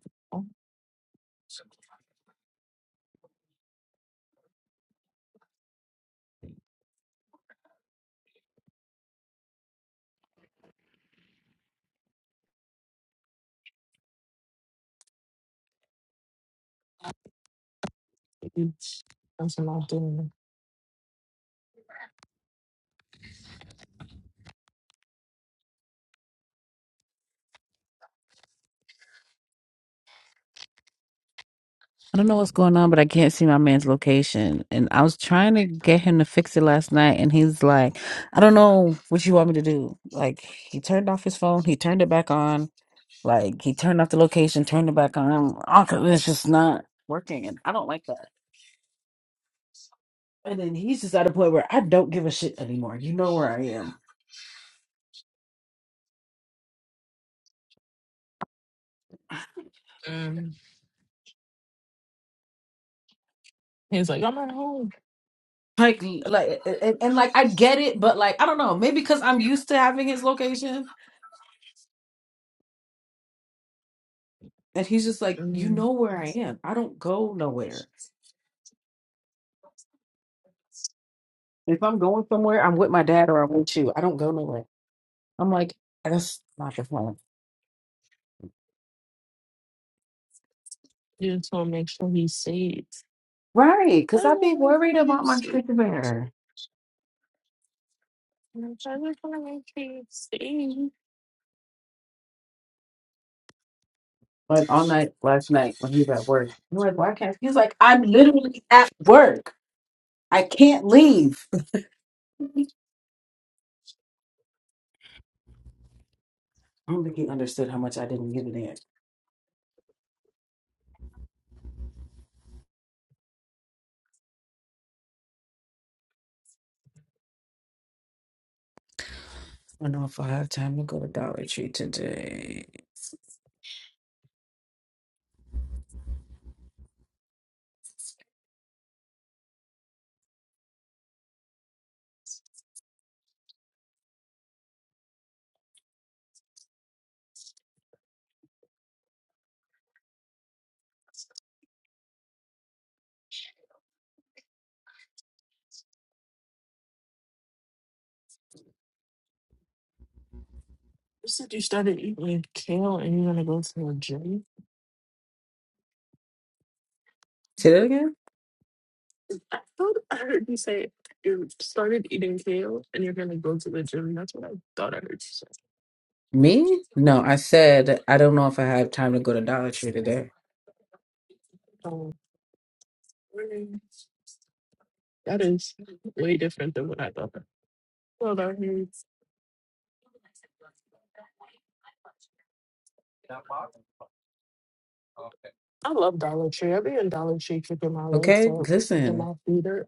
[SPEAKER 1] That's what I'm doing.
[SPEAKER 3] I don't know what's going on, but I can't see my man's location. And I was trying to get him to fix it last night, and he's like, I don't know what you want me to do. Like, he turned off his phone, he turned it back on, like, he turned off the location, turned it back on. Oh, 'cause it's just not working, and I don't like that. And then he's just at a point where I don't give a shit anymore. You know where I am.
[SPEAKER 1] Um, he's like, I'm at home.
[SPEAKER 3] Like, like, and, and like, I get it, but like, I don't know. Maybe because I'm used to having his location, and he's just like, you
[SPEAKER 1] Um,
[SPEAKER 3] know where I am. I don't go nowhere. If I'm going somewhere, I'm with my dad or I'm with you. I don't go nowhere. I'm like, that's not the plan.
[SPEAKER 1] You just want to make sure he's safe.
[SPEAKER 3] Right.
[SPEAKER 1] I
[SPEAKER 3] Because
[SPEAKER 1] don't
[SPEAKER 3] I'd be
[SPEAKER 1] want to make
[SPEAKER 3] worried
[SPEAKER 1] sure
[SPEAKER 3] about
[SPEAKER 1] he's
[SPEAKER 3] my
[SPEAKER 1] safe.
[SPEAKER 3] sticker bearer.
[SPEAKER 1] And I'm trying to find my KFC. You
[SPEAKER 3] Like all night last night when he was at work. I'm like, why can't he's like, I'm literally at work. I can't leave. I don't think he understood how much I didn't give it in. I don't know if I have time to go to Dollar Tree today.
[SPEAKER 1] said you started eating kale and you're gonna go to the gym.
[SPEAKER 3] Say that
[SPEAKER 1] What
[SPEAKER 3] again?
[SPEAKER 1] is- I thought I heard you say you started eating kale and you're gonna go to the gym. That's what I thought I heard you say.
[SPEAKER 3] Me? No, I said I don't know if I have time to go to Dollar Tree today.
[SPEAKER 1] Oh, really? that is way different than what I thought. Well, that means I love Dollar Tree. I be in Dollar Tree kicking my legs
[SPEAKER 3] Okay,
[SPEAKER 1] up, kicking
[SPEAKER 3] listen.
[SPEAKER 1] my feet up.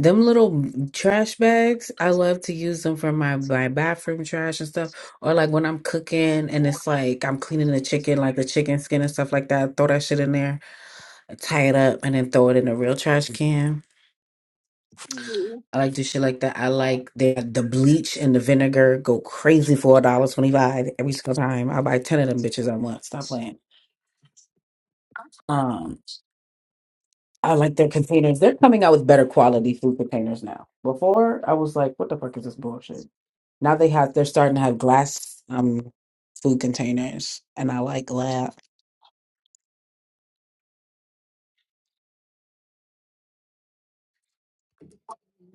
[SPEAKER 3] Them little trash bags, I love to use them for my, my bathroom trash and stuff. Or like when I'm cooking and it's like I'm cleaning the chicken, like the chicken skin and stuff like that, throw that shit in there. tie it up and then throw it in a real trash can.
[SPEAKER 1] Mm,
[SPEAKER 3] I like do shit like that. I like the the bleach and the vinegar go crazy for a dollar twenty five every single time. I buy ten of them bitches at once. Stop playing. Um, I like their containers. They're coming out with better quality food containers now. Before I was like, what the fuck is this bullshit? Now they have they're starting to have glass um food containers, and I like glass.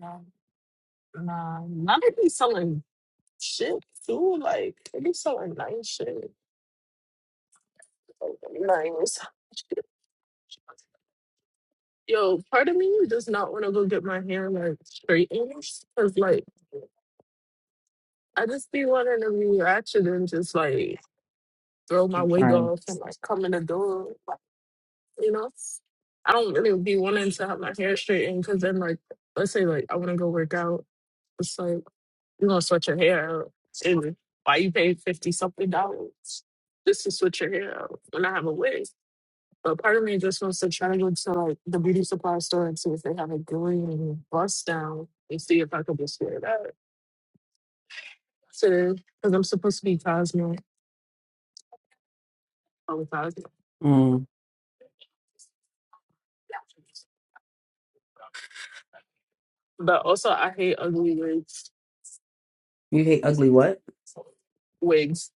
[SPEAKER 1] Nah, nah, nah, they be selling shit too. Like they be selling nice shit. Like, Nice. Yo, part of me does not want to go get my hair like straightened because like I just be wanting to be ratchet and just like throw my wig
[SPEAKER 3] Sorry.
[SPEAKER 1] off and like come in the door, like, you know. I don't really be wanting to have my hair straightened because then, like, let's say like I want to go work out, it's like you're gonna sweat your hair out, and why you pay fifty something dollars just to switch your hair out when I have a wig. But part of me just wants to try to go to like the beauty supply store and see if they have a green bust down and see if I could just wear that today because I'm supposed to be Cosmo. I'm Cosmo.
[SPEAKER 3] Mm.
[SPEAKER 1] But also, I hate ugly wigs.
[SPEAKER 3] You hate ugly what?
[SPEAKER 1] Wigs,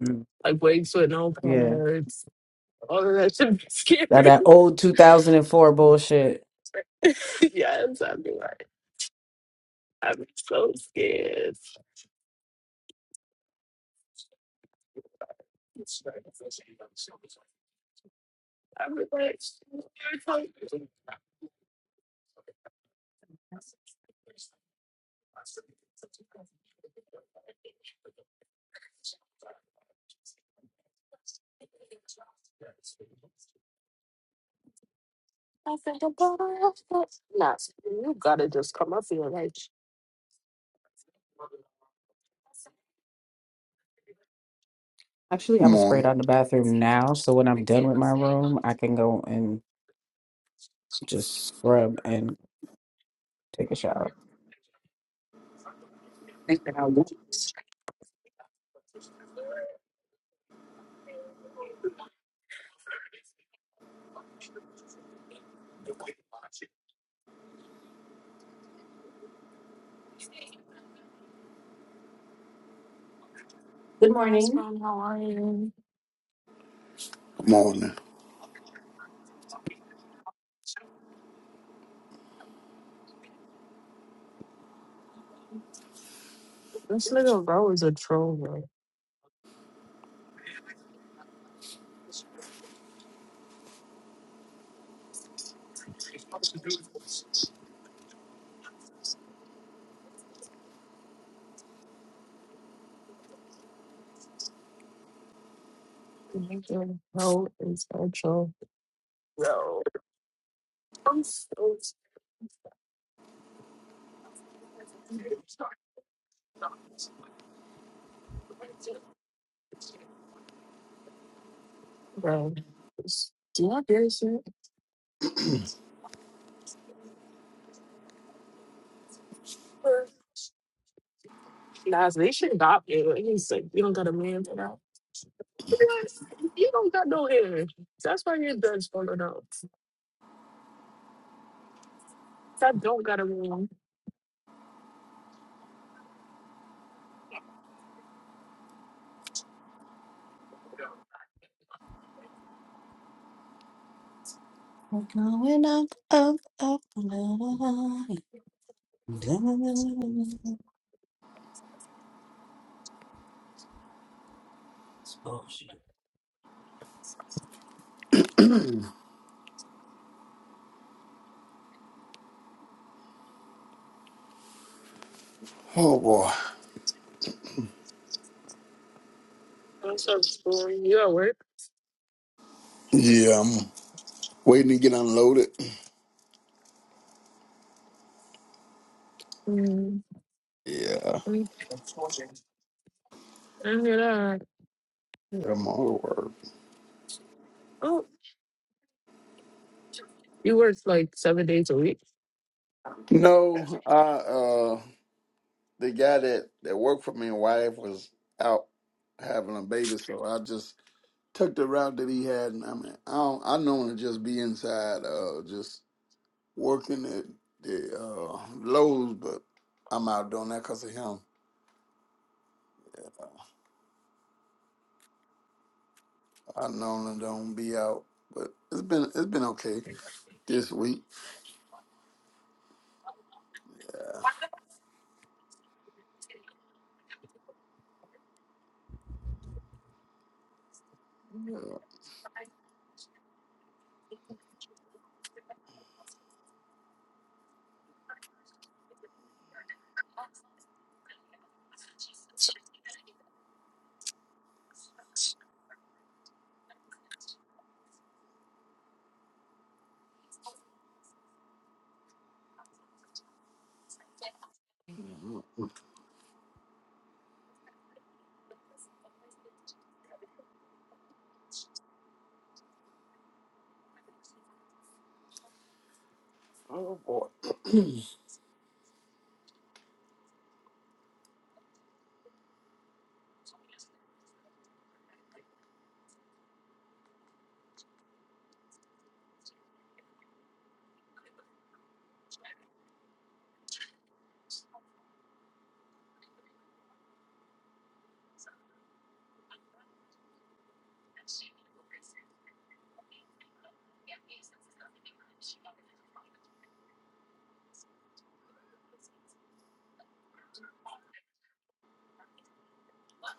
[SPEAKER 3] Mm.
[SPEAKER 1] like wigs with no
[SPEAKER 3] Yeah.
[SPEAKER 1] parts. All of that should be scary.
[SPEAKER 3] That that old two thousand and four bullshit.
[SPEAKER 1] yes, I'd be like, I'd be so scared. I'd be like, you're talking. I think the power of the nuts. You gotta just come up here, like.
[SPEAKER 3] Actually, I'm
[SPEAKER 6] Good
[SPEAKER 3] gonna spray
[SPEAKER 6] morning.
[SPEAKER 3] down the bathroom now, so when I'm done with my room, I can go and s- just scrub and take a shower. Thanks for having me. Good morning.
[SPEAKER 1] Aspen, how are you?
[SPEAKER 6] Good morning.
[SPEAKER 1] This nigga bro is a troll, bro. Nigga bro is a troll. Yo. I'm so- Bro. Do you have beer shit? Nah, so they should adopt you. He's like, you don't got a man for that. Yes, you don't got no hair. That's why your dad's falling out. I don't got a man.
[SPEAKER 3] We're going up, up, up. Oh, shit.
[SPEAKER 6] Oh boy.
[SPEAKER 1] What's up, school? You at work?
[SPEAKER 6] Yeah, I'm waiting to get unloaded.
[SPEAKER 1] Mm,
[SPEAKER 6] Yeah.
[SPEAKER 1] mm, I hear that.
[SPEAKER 6] yeah I'm all at work.
[SPEAKER 1] Oh, you work like seven days a week.
[SPEAKER 6] No, I uh the guy that, that worked for me and wife was out having a baby, so I just took the route that he had and I mean I don't I normally just be inside uh just working at the uh Lowe's, but I'm out doing that 'cause of him. I normally don't be out. But it's been it's been okay this week. Yeah. yeah. Mhm. Oh boy.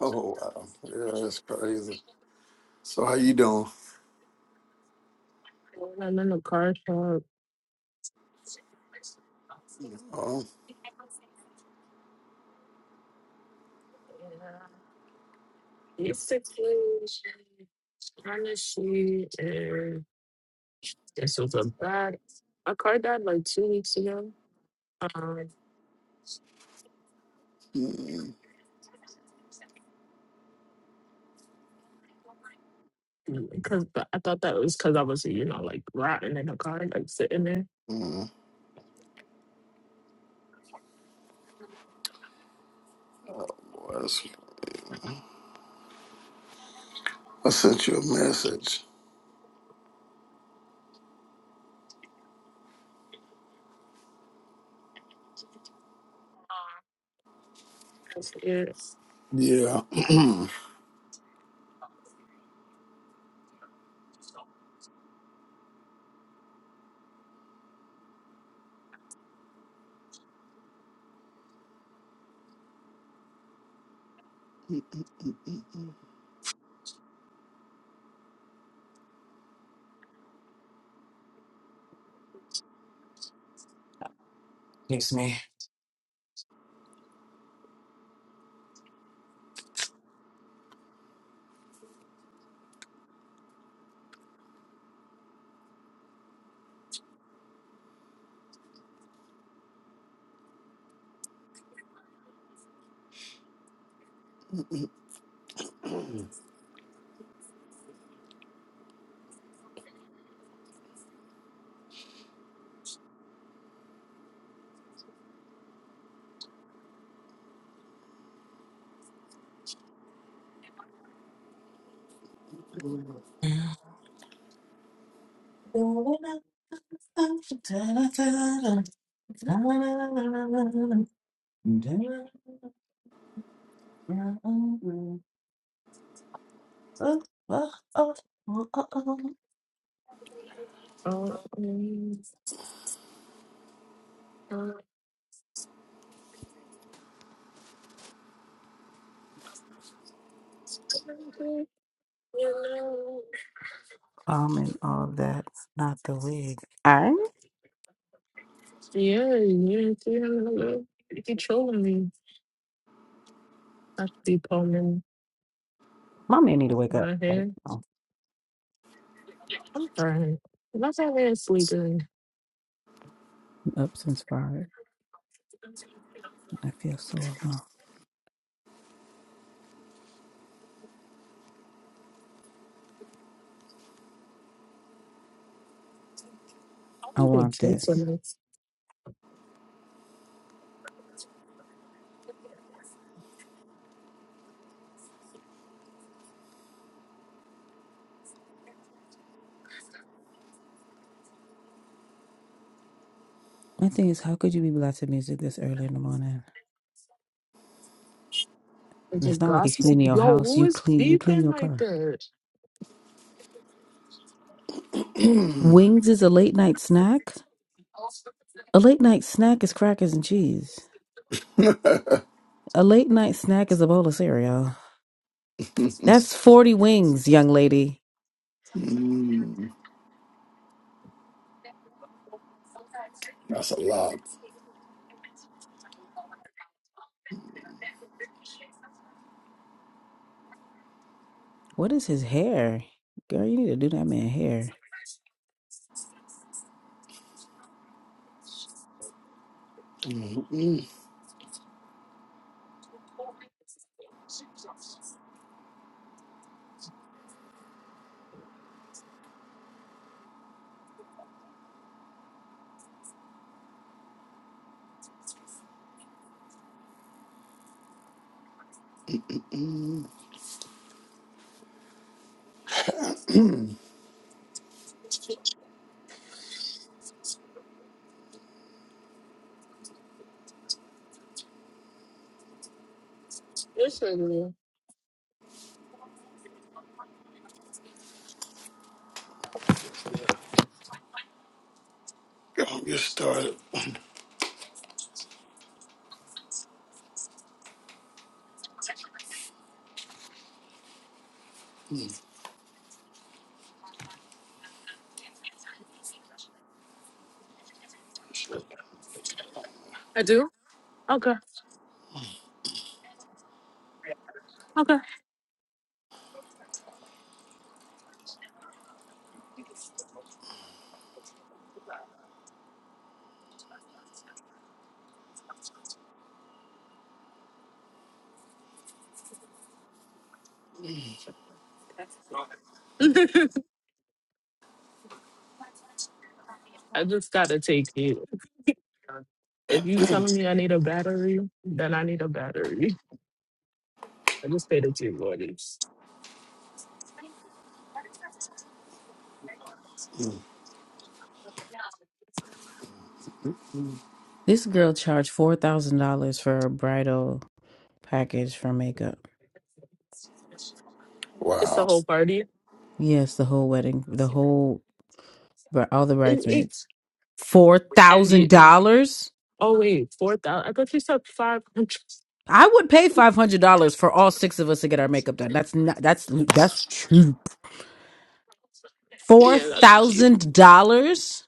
[SPEAKER 6] Oh wow. Yeah, that's crazy. So how you doing?
[SPEAKER 1] I'm in the car shop.
[SPEAKER 6] Oh,
[SPEAKER 1] Yeah. Basically, honestly, and this was a bad. My car died like two weeks ago. Um,
[SPEAKER 6] mm,
[SPEAKER 1] because I thought that was because I was, you know, like rotting in the car, like sitting there.
[SPEAKER 6] mm. oh boy. That's, I sent you a message.
[SPEAKER 1] I said, yes.
[SPEAKER 6] Yeah.
[SPEAKER 3] Excuse me. Going up, up, da, da, da, da. da, da, da, da, da, da. Um,
[SPEAKER 1] Oh, um, um, you know.
[SPEAKER 3] and all that, not the wig. I,
[SPEAKER 1] Yeah, you know, you controlling me. I should be combing
[SPEAKER 3] my man need to wake up.
[SPEAKER 1] my
[SPEAKER 3] Like,
[SPEAKER 1] hair.
[SPEAKER 3] oh,
[SPEAKER 1] I'm fine. My hair is sleeping.
[SPEAKER 3] I'm up since Friday. I feel so alone.
[SPEAKER 1] I
[SPEAKER 3] I
[SPEAKER 1] think
[SPEAKER 3] want
[SPEAKER 1] it's on
[SPEAKER 3] this.
[SPEAKER 1] minutes.
[SPEAKER 3] My thing is, how could you be blasting music this early in the morning?
[SPEAKER 1] It's
[SPEAKER 3] And
[SPEAKER 1] a
[SPEAKER 3] it's not like you
[SPEAKER 1] gospel.
[SPEAKER 3] clean your
[SPEAKER 1] Yo,
[SPEAKER 3] house.
[SPEAKER 1] who
[SPEAKER 3] You
[SPEAKER 1] is
[SPEAKER 3] clean. You clean
[SPEAKER 1] beeping
[SPEAKER 3] your
[SPEAKER 1] like
[SPEAKER 3] car.
[SPEAKER 1] that?
[SPEAKER 3] Wings is a late night snack. A late night snack is crackers and cheese. A late night snack is a bowl of cereal. That's forty wings, young lady.
[SPEAKER 6] Mm, that's a lot.
[SPEAKER 3] What is his hair? Girl, you need to do that man hair.
[SPEAKER 6] Mm-mm.
[SPEAKER 1] This is real.
[SPEAKER 6] Don't get started.
[SPEAKER 1] I do? Okay. Okay. I just gotta take it. If you telling me I need a battery, then I need a battery. I just paid the two orders.
[SPEAKER 6] Mm.
[SPEAKER 3] This girl charged four thousand dollars for a bridal package for makeup.
[SPEAKER 1] It's
[SPEAKER 6] Wow.
[SPEAKER 1] the whole party.
[SPEAKER 3] Yes, the whole wedding, the whole, bri- all the
[SPEAKER 1] It,
[SPEAKER 3] bridesmaids.
[SPEAKER 1] it's
[SPEAKER 3] Four
[SPEAKER 1] and
[SPEAKER 3] thousand
[SPEAKER 1] you.
[SPEAKER 3] dollars.
[SPEAKER 1] Oh wait, four thousand. I thought you said five hundred.
[SPEAKER 3] I would pay five hundred dollars for all six of us to get our makeup done. That's not. That's that's cheap. Four
[SPEAKER 1] Yeah, that's cheap.
[SPEAKER 3] thousand dollars.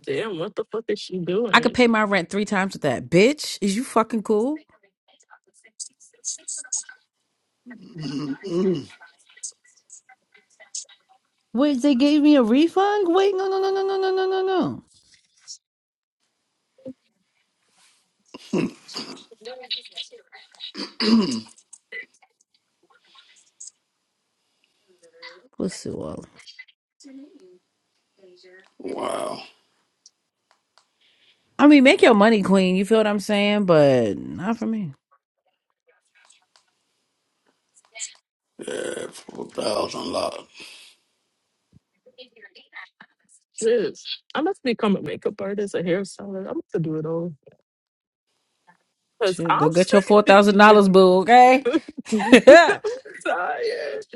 [SPEAKER 1] Damn, what the fuck is she
[SPEAKER 3] I could
[SPEAKER 1] doing?
[SPEAKER 3] pay my rent three times with that. Bitch, is you fucking cool?
[SPEAKER 6] Mm-mm.
[SPEAKER 3] Wait, they gave me a refund? Wait, no, no, no, no, no, no, no, no, no. Pussy well.
[SPEAKER 6] wow.
[SPEAKER 3] I mean, make your money, queen. You feel what I'm saying? But not for me.
[SPEAKER 6] Yeah, 4,000 lot.
[SPEAKER 1] Jeez. I must become a makeup artist, a hairstylist. I'm to do it all. Cause
[SPEAKER 3] Shit, go
[SPEAKER 1] I'm
[SPEAKER 3] get your four thousand dollars,
[SPEAKER 1] yeah.
[SPEAKER 3] boo. Okay.
[SPEAKER 1] I'm
[SPEAKER 3] mm,
[SPEAKER 1] tired.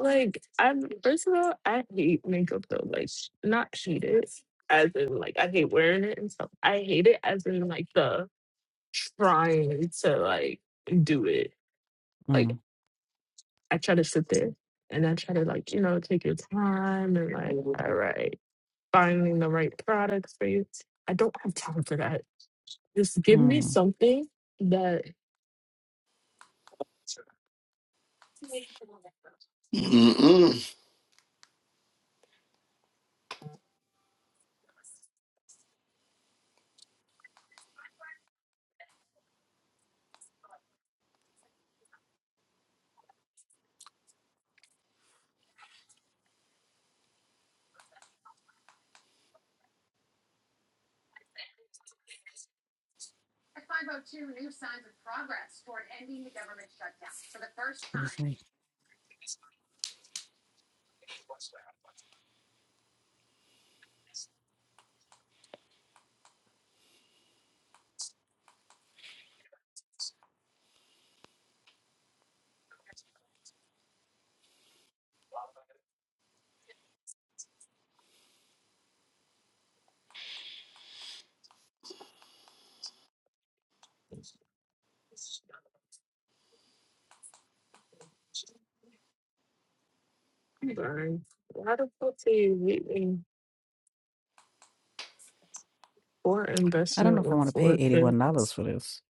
[SPEAKER 1] Like I'm first of all, I hate makeup though. Like not hate it. As in like I hate wearing it and stuff. I hate it as in like the trying to like do it. Like I try to sit there and I try to like, you know, take your time and like, all right. finding the right products for you. I don't have time for that. Just give me
[SPEAKER 3] mm.
[SPEAKER 1] something that.
[SPEAKER 6] Mm-mm.
[SPEAKER 3] Excuse me.
[SPEAKER 1] Burn. Why the fuck do you hate me for
[SPEAKER 3] I don't know
[SPEAKER 1] investment
[SPEAKER 3] if I
[SPEAKER 1] with
[SPEAKER 3] want to pay eighty
[SPEAKER 1] 4K?
[SPEAKER 3] one dollars for this.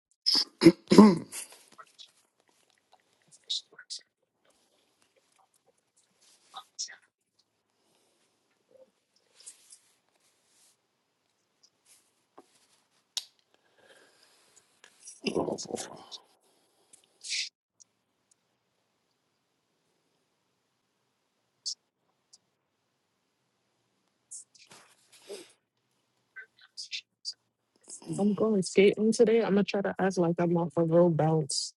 [SPEAKER 6] Oh boy.
[SPEAKER 1] I'm going skating today. I'm gonna try to act like I'm off a road bounce.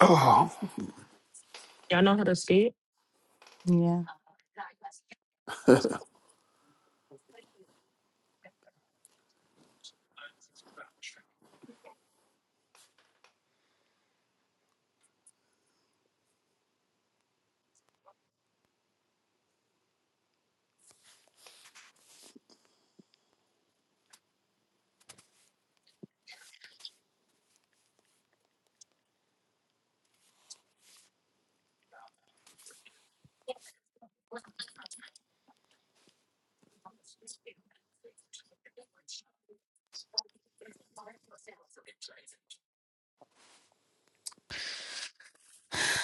[SPEAKER 6] Oh.
[SPEAKER 1] Y'all know how to skate?
[SPEAKER 3] Yeah.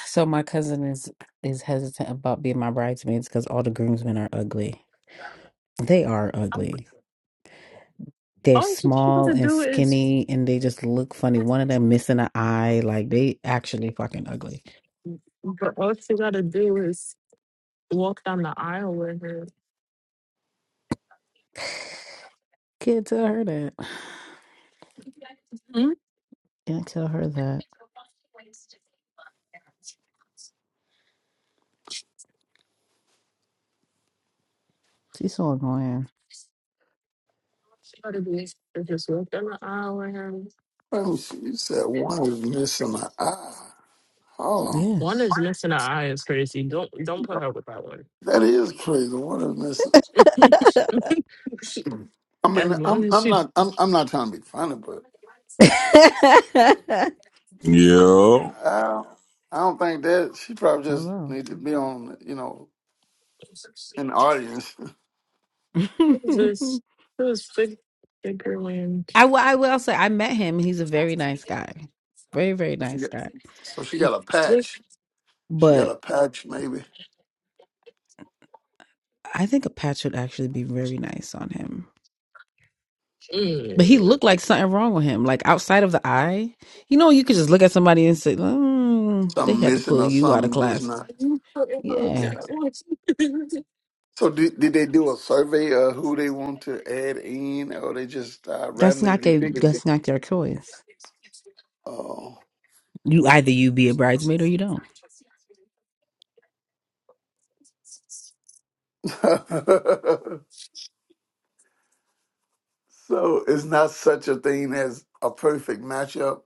[SPEAKER 3] So my cousin is is hesitant about being my bridesmaids because all the groomsmen are ugly. They are ugly. They're
[SPEAKER 1] All she she
[SPEAKER 3] small
[SPEAKER 1] gotta
[SPEAKER 3] and
[SPEAKER 1] do is,
[SPEAKER 3] skinny, and they just look funny. One of them missing an eye. Like they actually fucking ugly.
[SPEAKER 1] but all she gotta do is walk down the aisle with her.
[SPEAKER 3] Can't tell her that.
[SPEAKER 1] Hmm?
[SPEAKER 3] Can't tell her that. She's so annoying.
[SPEAKER 1] All she gotta do is just walk down the aisle with her.
[SPEAKER 6] Oh, she said one is missing an eye. Hold on.
[SPEAKER 1] One
[SPEAKER 3] Yes.
[SPEAKER 1] is missing an eye is crazy. Don't don't put her with that one.
[SPEAKER 6] That is crazy. One is missing? I
[SPEAKER 1] as
[SPEAKER 6] mean,
[SPEAKER 1] long
[SPEAKER 6] I'm
[SPEAKER 1] as
[SPEAKER 6] I'm
[SPEAKER 1] she
[SPEAKER 6] not I'm I'm not trying to be funny, but
[SPEAKER 7] Yo,
[SPEAKER 6] I don't, I don't think that she probably just
[SPEAKER 3] Hello.
[SPEAKER 6] need to be on you know in the audience.
[SPEAKER 1] just this big bigger one.
[SPEAKER 3] I, will- I will say, I met him. He's a very nice guy. Very, very
[SPEAKER 6] So she
[SPEAKER 3] nice
[SPEAKER 6] got,
[SPEAKER 3] guy.
[SPEAKER 6] so she got a
[SPEAKER 1] Just
[SPEAKER 6] patch. She got
[SPEAKER 3] But
[SPEAKER 6] a patch, maybe
[SPEAKER 3] I think a patch would actually be very nice on him. But he
[SPEAKER 1] mm.
[SPEAKER 3] looked like something wrong with him. Like outside of the eye, you know, you could just look at somebody and say, mm, they
[SPEAKER 6] something
[SPEAKER 3] had to
[SPEAKER 6] missing
[SPEAKER 3] pull
[SPEAKER 6] or
[SPEAKER 3] you out of
[SPEAKER 6] something just
[SPEAKER 3] class.
[SPEAKER 6] not.
[SPEAKER 1] You put her with
[SPEAKER 3] Yeah.
[SPEAKER 6] Yeah.
[SPEAKER 1] that one.
[SPEAKER 6] So did, did they do a survey of who they want to add in, or they just uh,
[SPEAKER 3] That's not,
[SPEAKER 6] randomly
[SPEAKER 3] their,
[SPEAKER 6] picking?
[SPEAKER 3] that's not their choice.
[SPEAKER 6] people?
[SPEAKER 3] You either you be a bridesmaid or you don't.
[SPEAKER 6] Oh. So it's not such a thing as a perfect matchup.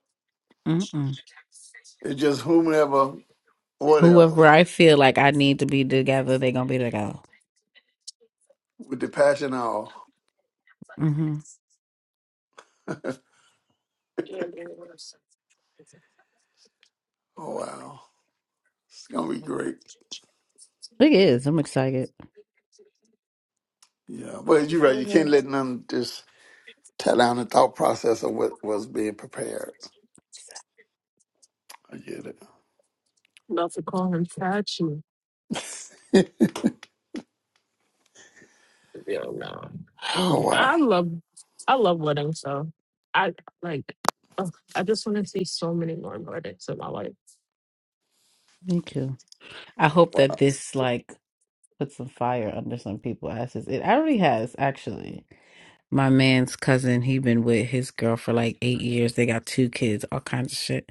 [SPEAKER 3] Mm-mm.
[SPEAKER 6] It's just whomever, whatever,
[SPEAKER 3] Whoever I feel like I need to be together, they're gonna be together.
[SPEAKER 6] with the passion and all.
[SPEAKER 3] Mm-hmm.
[SPEAKER 6] Oh wow, it's gonna be great.
[SPEAKER 3] It is. I'm excited.
[SPEAKER 6] Yeah, but you're
[SPEAKER 1] Don't
[SPEAKER 6] right.
[SPEAKER 1] call
[SPEAKER 6] You
[SPEAKER 1] her-
[SPEAKER 6] can't let none just tie down the thought process of what was being prepared. I get
[SPEAKER 1] About to call him Tachi.
[SPEAKER 6] it.
[SPEAKER 1] Yo, no.
[SPEAKER 6] oh wow.
[SPEAKER 1] I love I love weddings so I like ugh, I just want to see so many more weddings in my life.
[SPEAKER 3] Me too. I
[SPEAKER 6] Oh,
[SPEAKER 3] hope that
[SPEAKER 6] Wow.
[SPEAKER 3] this like puts some fire under some people's asses. It already has, actually. My man's cousin, he been with his girl for like eight years. They got two kids, all kinds of shit.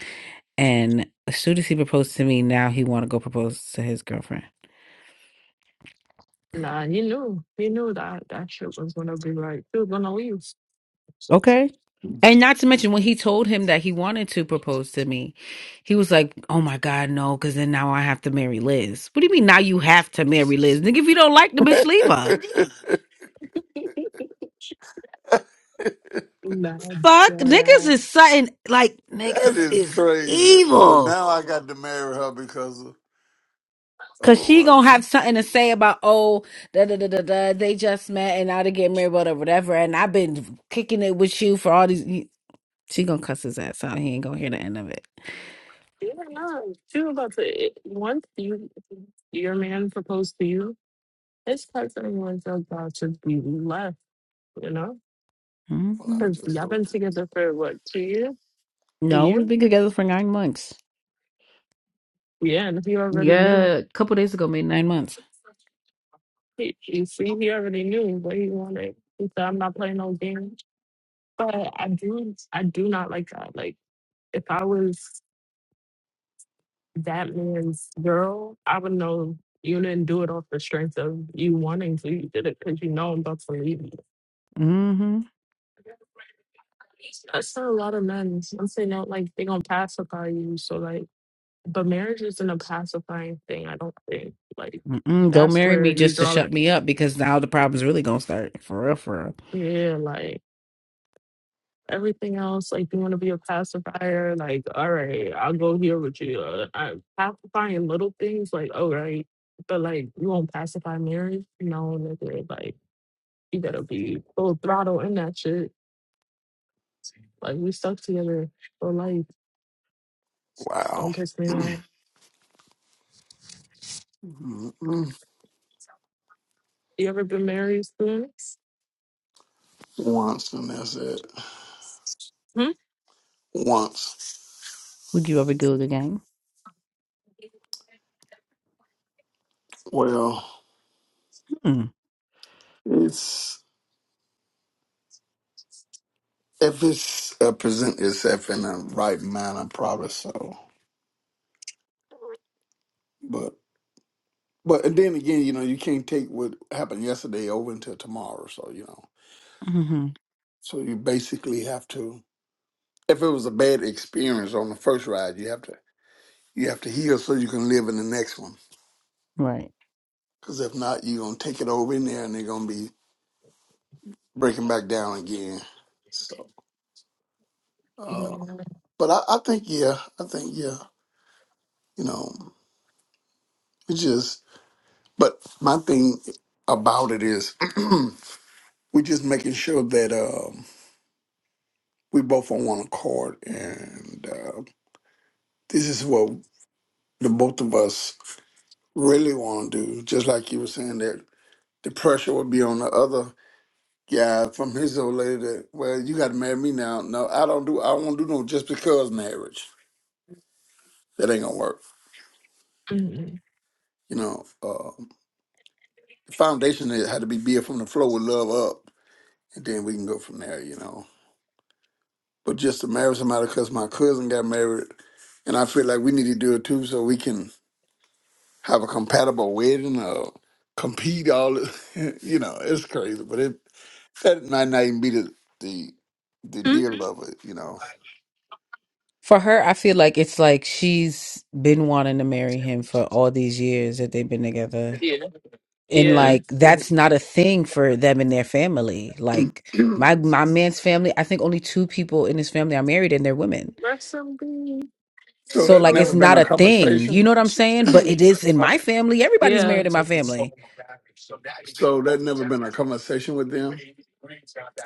[SPEAKER 3] And as soon as he proposed to me, now he want to go propose to his girlfriend.
[SPEAKER 1] Nah, you knew. You knew that that shit was gonna be right. She was gonna leave.
[SPEAKER 3] Okay. And not to mention when he told him that he wanted to propose to me, he was like, "Oh my God, no!" Because then now I have to marry Liz. What do you mean now you have to marry Liz, nigga? If you don't like the bitch, leave her.
[SPEAKER 6] that
[SPEAKER 1] nah,
[SPEAKER 3] Fuck,
[SPEAKER 1] dead
[SPEAKER 3] niggas
[SPEAKER 1] ass.
[SPEAKER 3] is something like niggas
[SPEAKER 6] is
[SPEAKER 3] is
[SPEAKER 6] crazy. Well,
[SPEAKER 3] evil.
[SPEAKER 6] now I got to marry her because, of,
[SPEAKER 3] Cause
[SPEAKER 6] oh
[SPEAKER 3] she
[SPEAKER 6] my, g-
[SPEAKER 3] gonna have something to say about oh da da da da da they just met and now they get married whatever whatever and I've been kicking it with you for all these. She gonna cuss his ass out. He ain't gonna hear the end of it.
[SPEAKER 1] Yeah, no. She was about to it- once you your man proposed to you, his cousin was about to be left, you know?
[SPEAKER 6] well,
[SPEAKER 3] hmm
[SPEAKER 6] I'm
[SPEAKER 1] Because
[SPEAKER 6] just
[SPEAKER 1] y'all been
[SPEAKER 6] hoping.
[SPEAKER 1] together for what, two years? A
[SPEAKER 3] No,
[SPEAKER 1] year?
[SPEAKER 3] we've been together for nine months.
[SPEAKER 1] Yeah, and he already knew.
[SPEAKER 3] Yeah, a couple days ago made nine months.
[SPEAKER 1] He, you see, he already knew what he wanted. He said, "I'm not playing no games." But I do, I do not like that. Like, if I was that man's girl, I would know you didn't do it off the strength of you wanting to. You did it because you know I'm about to leave you.
[SPEAKER 3] hmm
[SPEAKER 1] That's not a lot of men. I'm saying that, like, they gonna pacify you. So, like, but marriage isn't a pacifying thing. I don't think. Like,
[SPEAKER 3] Mm-mm, don't
[SPEAKER 1] that's
[SPEAKER 3] marry
[SPEAKER 1] where
[SPEAKER 3] me
[SPEAKER 1] you
[SPEAKER 3] just to
[SPEAKER 1] draw the
[SPEAKER 3] shut me up because now the problem's really gonna start for real. For real.
[SPEAKER 1] yeah. Like. everything else, like you want to be a pacifier, like all right, I'll go here with you. Uh, I, pacifying little things, like all right, but like you won't pacify marriage, no nigga. Like you gotta be full throttle in that shit. Like we stuck together for life.
[SPEAKER 6] Wow.
[SPEAKER 1] Don't piss me off.
[SPEAKER 6] Mhm.
[SPEAKER 1] You ever been married, students?
[SPEAKER 6] Once and that's it.
[SPEAKER 1] Hmm?
[SPEAKER 6] Once.
[SPEAKER 3] Would you ever do it again?
[SPEAKER 6] Well, it's if it's uh, present itself in the right manner, probably so. But but and then again, you know, you can't take what happened yesterday over until tomorrow. So you know,
[SPEAKER 3] Mm-hmm.
[SPEAKER 6] so you basically have to. If it was a bad experience on the first ride, you have to you have to heal so you can live in the next one.
[SPEAKER 3] Right.
[SPEAKER 6] Because if not, you're gonna take it over in there, and they're gonna be breaking back down again. So,
[SPEAKER 1] Yeah.
[SPEAKER 6] uh, but I, I think yeah, I think yeah, you know, it just But my thing about it is, we're just making sure that um, we both on one accord, and uh, this is what the both of us really want to do. Just like you were saying that the pressure would be on the other guy from his old lady. That well, you got to marry me now. No, I don't do. I won't do no just because marriage. That ain't gonna work.
[SPEAKER 1] Mm-mm.
[SPEAKER 6] You know, uh, the foundation had to be built from the floor with love up, and then we can go from there. You know but just to marry somebody because my cousin got married, and I feel like we need to do it too, so we can have a compatible wedding or compete. All you know, it's crazy, but it that might not even be the the, the
[SPEAKER 1] Hmm?
[SPEAKER 6] deal of it, you know.
[SPEAKER 3] For her, I feel like it's like she's been wanting to marry him for all these years that they've been together.
[SPEAKER 1] Yeah.
[SPEAKER 3] And
[SPEAKER 1] Yeah.
[SPEAKER 6] And
[SPEAKER 3] like
[SPEAKER 6] and
[SPEAKER 3] that's not a thing for them and their family. Like my my man's family, I think only two people in his family are married and they're women.
[SPEAKER 1] Rest in peace.
[SPEAKER 6] so
[SPEAKER 3] So
[SPEAKER 6] that
[SPEAKER 3] like it's
[SPEAKER 6] never been
[SPEAKER 3] not
[SPEAKER 6] a
[SPEAKER 3] a thing.
[SPEAKER 6] conversation.
[SPEAKER 3] You know what I'm saying? But it is in my family. Everybody's
[SPEAKER 1] Yeah.
[SPEAKER 3] married in my family.
[SPEAKER 6] so that never been a conversation with them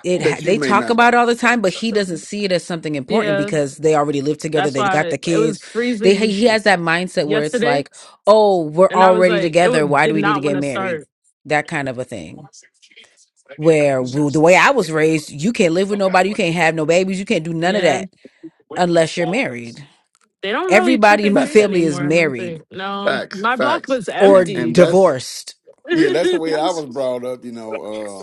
[SPEAKER 3] it ha-
[SPEAKER 6] that you
[SPEAKER 3] they
[SPEAKER 6] may
[SPEAKER 3] talk
[SPEAKER 6] not
[SPEAKER 3] about it all the time but he doesn't see it as something important
[SPEAKER 1] Yeah.
[SPEAKER 3] because they already live together
[SPEAKER 1] That's
[SPEAKER 3] they got
[SPEAKER 1] why
[SPEAKER 3] the
[SPEAKER 1] it
[SPEAKER 3] kids
[SPEAKER 1] was
[SPEAKER 3] they he
[SPEAKER 1] freezing
[SPEAKER 3] has that mindset where it's
[SPEAKER 1] yesterday,
[SPEAKER 3] like oh we're
[SPEAKER 1] and I was
[SPEAKER 3] already
[SPEAKER 1] like, it
[SPEAKER 3] together
[SPEAKER 1] would,
[SPEAKER 3] why do
[SPEAKER 1] did
[SPEAKER 3] we need to
[SPEAKER 1] not want
[SPEAKER 3] get
[SPEAKER 1] to
[SPEAKER 3] married
[SPEAKER 1] start.
[SPEAKER 3] that kind of a thing where well, the way i was raised you can't live with nobody you can't have no babies you can't do none of
[SPEAKER 1] Yeah,
[SPEAKER 3] that unless you're married
[SPEAKER 1] they don't really trick
[SPEAKER 3] everybody in
[SPEAKER 1] or
[SPEAKER 3] my
[SPEAKER 6] fa-
[SPEAKER 1] treat
[SPEAKER 3] family is
[SPEAKER 1] anymore. I don't
[SPEAKER 3] married
[SPEAKER 1] think. No,
[SPEAKER 6] facts
[SPEAKER 1] my block
[SPEAKER 6] facts
[SPEAKER 1] was
[SPEAKER 3] or
[SPEAKER 6] and and
[SPEAKER 1] empty.
[SPEAKER 6] that's
[SPEAKER 3] divorced
[SPEAKER 6] yeah that's the way I was brought up, you know. uh,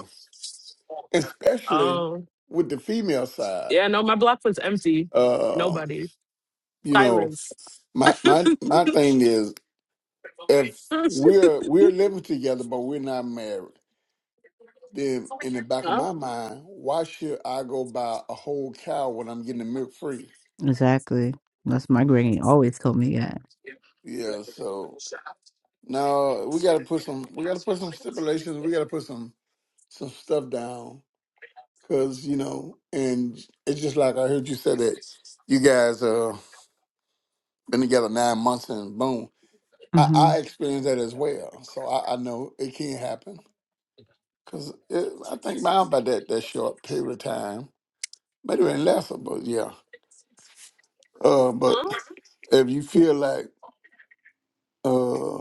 [SPEAKER 6] especially
[SPEAKER 1] oh,
[SPEAKER 6] with the female side.
[SPEAKER 1] yeah, no, my block was empty.
[SPEAKER 6] Uh,
[SPEAKER 1] Nobody.
[SPEAKER 6] you know,
[SPEAKER 1] Silence.
[SPEAKER 6] my my
[SPEAKER 1] huh?
[SPEAKER 6] my thing is if we're we're living together but we're not married, then in the back of my mind, why should I go buy a whole cow when I'm getting the milk free?
[SPEAKER 3] Exactly. That's my granny always told me that.
[SPEAKER 6] Yeah, so now we got to put some we got to put some stipulations. We got to put some some stuff down because you know, and it's just like I heard you say that you guys uh been together nine months and boom. I, I
[SPEAKER 3] Mm-hmm.
[SPEAKER 6] experienced that as well, so I, I know it can happen. Cause it, I think mine by that that short period of time, maybe even lesser, but yeah. Uh, but
[SPEAKER 1] Huh?
[SPEAKER 6] if you feel like, uh,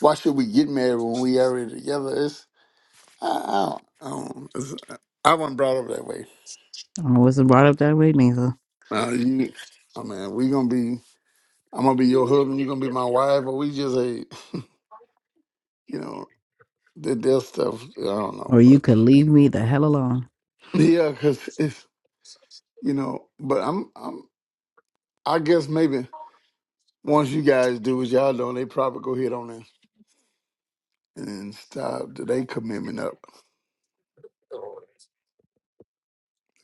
[SPEAKER 6] why should we get married when we already together? It's I, I don't, I don't it's, I wasn't brought up that way. Uh, you, I mean, we gonna be, I'm gonna be your husband, you gonna be my wife, but we just a, you know, that there's stuff I don't know,
[SPEAKER 3] Or you
[SPEAKER 6] but
[SPEAKER 3] could leave me the hell alone.
[SPEAKER 6] yeah, cause it's you know, but I'm I'm I guess maybe once you guys do what y'all doing, they probably go hit on this and stop their commitment up.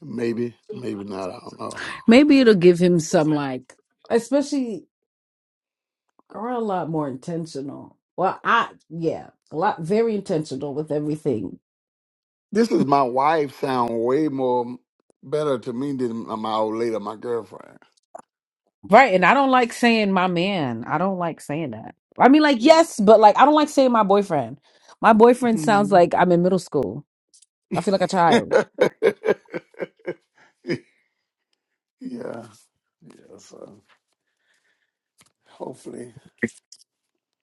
[SPEAKER 6] Maybe, maybe not. I don't know.
[SPEAKER 3] Maybe it'll give him some like, especially are a lot more intentional. Well, I yeah, a lot very intentional with everything.
[SPEAKER 6] This is my wife sound way more better to me than my old lady, my girlfriend.
[SPEAKER 3] Right, and I don't like saying my man. I don't like saying that. I mean, like yes, but like I don't like saying my boyfriend. My boyfriend sounds
[SPEAKER 6] Mhm.
[SPEAKER 3] like I'm in middle school. I feel like a child.
[SPEAKER 6] yeah, yeah. So hopefully,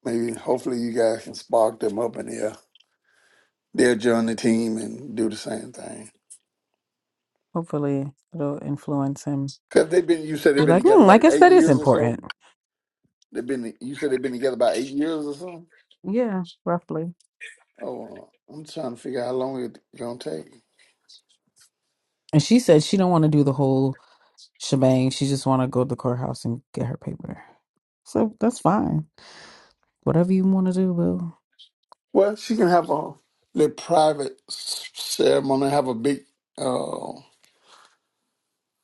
[SPEAKER 6] maybe hopefully you guys can spark them up in here. They'll join the team and do the same thing.
[SPEAKER 3] Hopefully, it'll influence him.
[SPEAKER 6] Cause they've been, you said they've
[SPEAKER 3] Be
[SPEAKER 6] been
[SPEAKER 3] like,
[SPEAKER 6] together
[SPEAKER 3] hmm, I
[SPEAKER 6] like
[SPEAKER 3] guess
[SPEAKER 6] eight
[SPEAKER 3] that is
[SPEAKER 6] years or so.
[SPEAKER 3] important.
[SPEAKER 6] They've been. You said they've been together about eight years or something.
[SPEAKER 3] Yeah, roughly.
[SPEAKER 6] Oh, I'm trying to figure out how long it's gonna take.
[SPEAKER 3] And she said she don't want to do the whole shebang. She just want to go to the courthouse and get her paper. So that's fine. Whatever you want to do, boo.
[SPEAKER 6] Well, she can have a little private s- ceremony, have a big uh,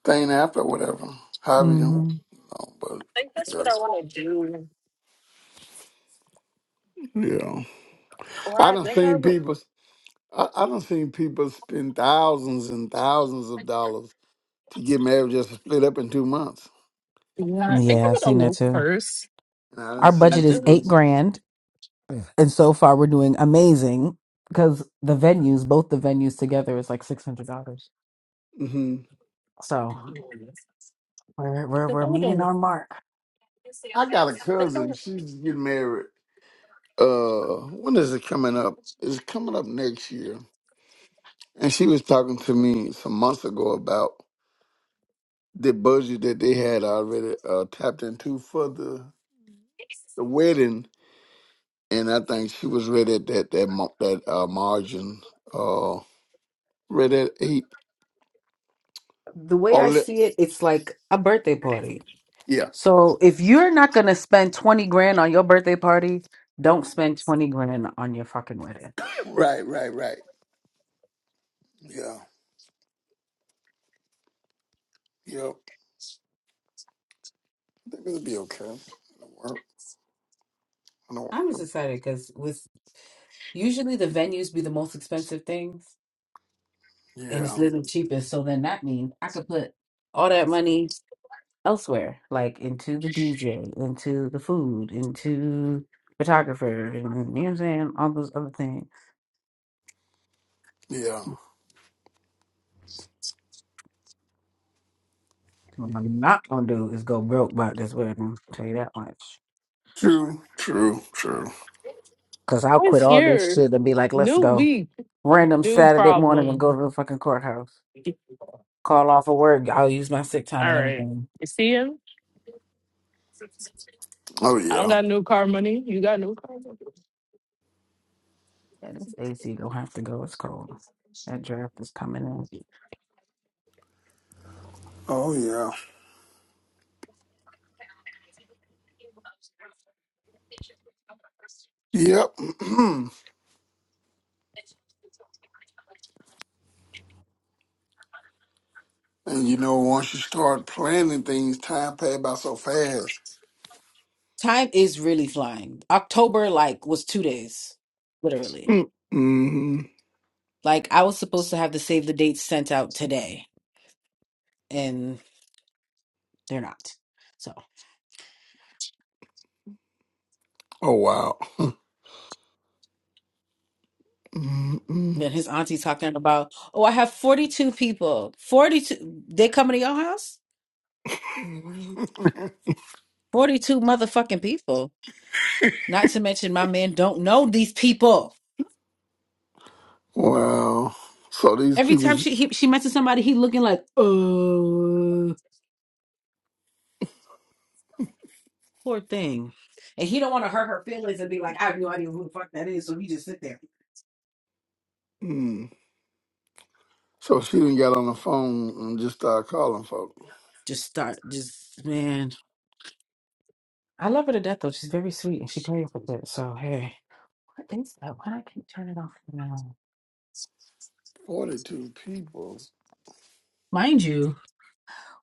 [SPEAKER 6] thing after, whatever. However you,
[SPEAKER 3] hmm
[SPEAKER 6] want. No, but
[SPEAKER 1] I think that's what I want to do.
[SPEAKER 6] yeah, yeah.
[SPEAKER 1] Or
[SPEAKER 6] I
[SPEAKER 1] I
[SPEAKER 6] done
[SPEAKER 1] think I
[SPEAKER 6] seen
[SPEAKER 1] would.
[SPEAKER 6] people. I, I done seen people spend thousands and thousands of dollars to get married just to split up in two months.
[SPEAKER 1] Yeah, I think I
[SPEAKER 3] Yeah, I've
[SPEAKER 1] would have
[SPEAKER 3] seen that
[SPEAKER 1] looked
[SPEAKER 3] too.
[SPEAKER 1] first.
[SPEAKER 6] And I done
[SPEAKER 3] Our
[SPEAKER 1] I
[SPEAKER 6] seen
[SPEAKER 3] budget is
[SPEAKER 1] feel like
[SPEAKER 6] people.
[SPEAKER 3] eight grand, and so far we're doing amazing because the venues, both the venues together, is like six hundred dollars.
[SPEAKER 6] hmm
[SPEAKER 3] So
[SPEAKER 1] if
[SPEAKER 3] we're we're
[SPEAKER 1] I
[SPEAKER 3] we're
[SPEAKER 1] would
[SPEAKER 3] meeting
[SPEAKER 1] have,
[SPEAKER 3] our mark.
[SPEAKER 6] I got a cousin. She's getting married. uh when is it coming up? It's coming up next year. And she was talking to me some months ago about the budget that they had already uh, tapped into for the the wedding, and I think she was right at that that mar- that uh, margin, uh, right at eight.
[SPEAKER 3] The way
[SPEAKER 6] Oh,
[SPEAKER 3] I
[SPEAKER 6] le-
[SPEAKER 3] see it, it's like a birthday party.
[SPEAKER 6] yeah,
[SPEAKER 3] So if you're not gonna spend twenty grand on your birthday party, don't spend twenty grand on your fucking wedding.
[SPEAKER 6] right, right, right. Yeah, yep. I think it'll be okay. It'll work. It'll
[SPEAKER 3] I'm just
[SPEAKER 6] work.
[SPEAKER 3] excited because with usually the venues be the most expensive things, and it's
[SPEAKER 6] Yeah,
[SPEAKER 3] literally cheapest. So then that means I could put all that money elsewhere, like into the DJ, into the food, into photographer, and you know what I'm saying? All those other things.
[SPEAKER 6] yeah.
[SPEAKER 3] What I'm not gonna do is go broke by this wedding, tell you that much.
[SPEAKER 6] True, true, true.
[SPEAKER 3] Cause I'll
[SPEAKER 1] I
[SPEAKER 3] quit
[SPEAKER 1] was
[SPEAKER 3] all this
[SPEAKER 1] here.
[SPEAKER 3] shit and be like, let's
[SPEAKER 1] New
[SPEAKER 3] go.
[SPEAKER 1] week,
[SPEAKER 3] Random
[SPEAKER 1] new
[SPEAKER 3] Saturday morning and
[SPEAKER 1] problem.
[SPEAKER 3] go to the fucking courthouse. Call off of work. I'll use my sick time
[SPEAKER 1] All
[SPEAKER 3] and
[SPEAKER 1] right,
[SPEAKER 3] everything.
[SPEAKER 1] you see him?
[SPEAKER 6] Oh
[SPEAKER 1] I don't
[SPEAKER 6] yeah,
[SPEAKER 1] got new car money. You got new car money.
[SPEAKER 3] Yeah, this AC gonna have to go. It's cold. That draft is coming in.
[SPEAKER 6] oh yeah. Yep. And you know, once you start planning things, time pass by so fast.
[SPEAKER 3] Time is really flying. October like was two days, literally.
[SPEAKER 6] Mm-hmm.
[SPEAKER 3] Like I was supposed to have the save the dates sent out today, and they're not. So
[SPEAKER 6] Oh wow. mm
[SPEAKER 3] then his auntie talking about, oh, I have forty two people, forty two. They coming to your house?
[SPEAKER 6] mm
[SPEAKER 3] Forty two motherfucking people. Not to mention my man don't know these people.
[SPEAKER 6] Wow. So these
[SPEAKER 3] Every
[SPEAKER 6] people.
[SPEAKER 3] time she he, she mentions somebody, he looking like, oh, poor thing. And he don't want to hurt her feelings and be like, I have no idea who the fuck that is. So he just sit there,
[SPEAKER 6] Mm. So she didn't got on the phone and just started calling folks.
[SPEAKER 3] just start, just man. I love her to death though. She's very sweet and she played for that. So hey. I think so. Why do I can't turn it off now?
[SPEAKER 6] Forty-two people.
[SPEAKER 3] Mind you,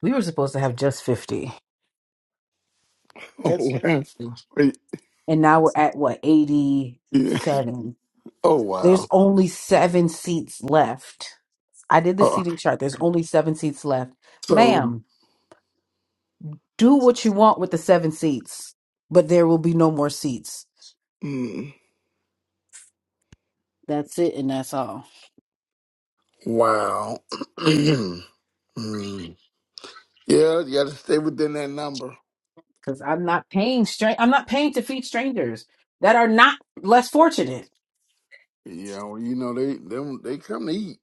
[SPEAKER 3] we were supposed to have just fifty,
[SPEAKER 6] Oh
[SPEAKER 3] That's
[SPEAKER 6] wow. Wait,
[SPEAKER 3] and now we're at what
[SPEAKER 6] yeah.
[SPEAKER 3] eighty-seven.
[SPEAKER 6] Oh
[SPEAKER 3] There's
[SPEAKER 6] wow.
[SPEAKER 3] only seven seats left. I did the
[SPEAKER 6] Oh,
[SPEAKER 3] seating chart. There's only seven seats left,
[SPEAKER 6] so
[SPEAKER 3] ma'am. Do what you want with the seven seats, but there will be no more seats.
[SPEAKER 6] mm,
[SPEAKER 3] That's it, and that's all.
[SPEAKER 6] wow. mm. Yeah, you got to stay within that number.
[SPEAKER 3] Because I'm not paying. Stra- I'm not paying to feed strangers that are not less fortunate.
[SPEAKER 6] You know, you know they them they come to eat.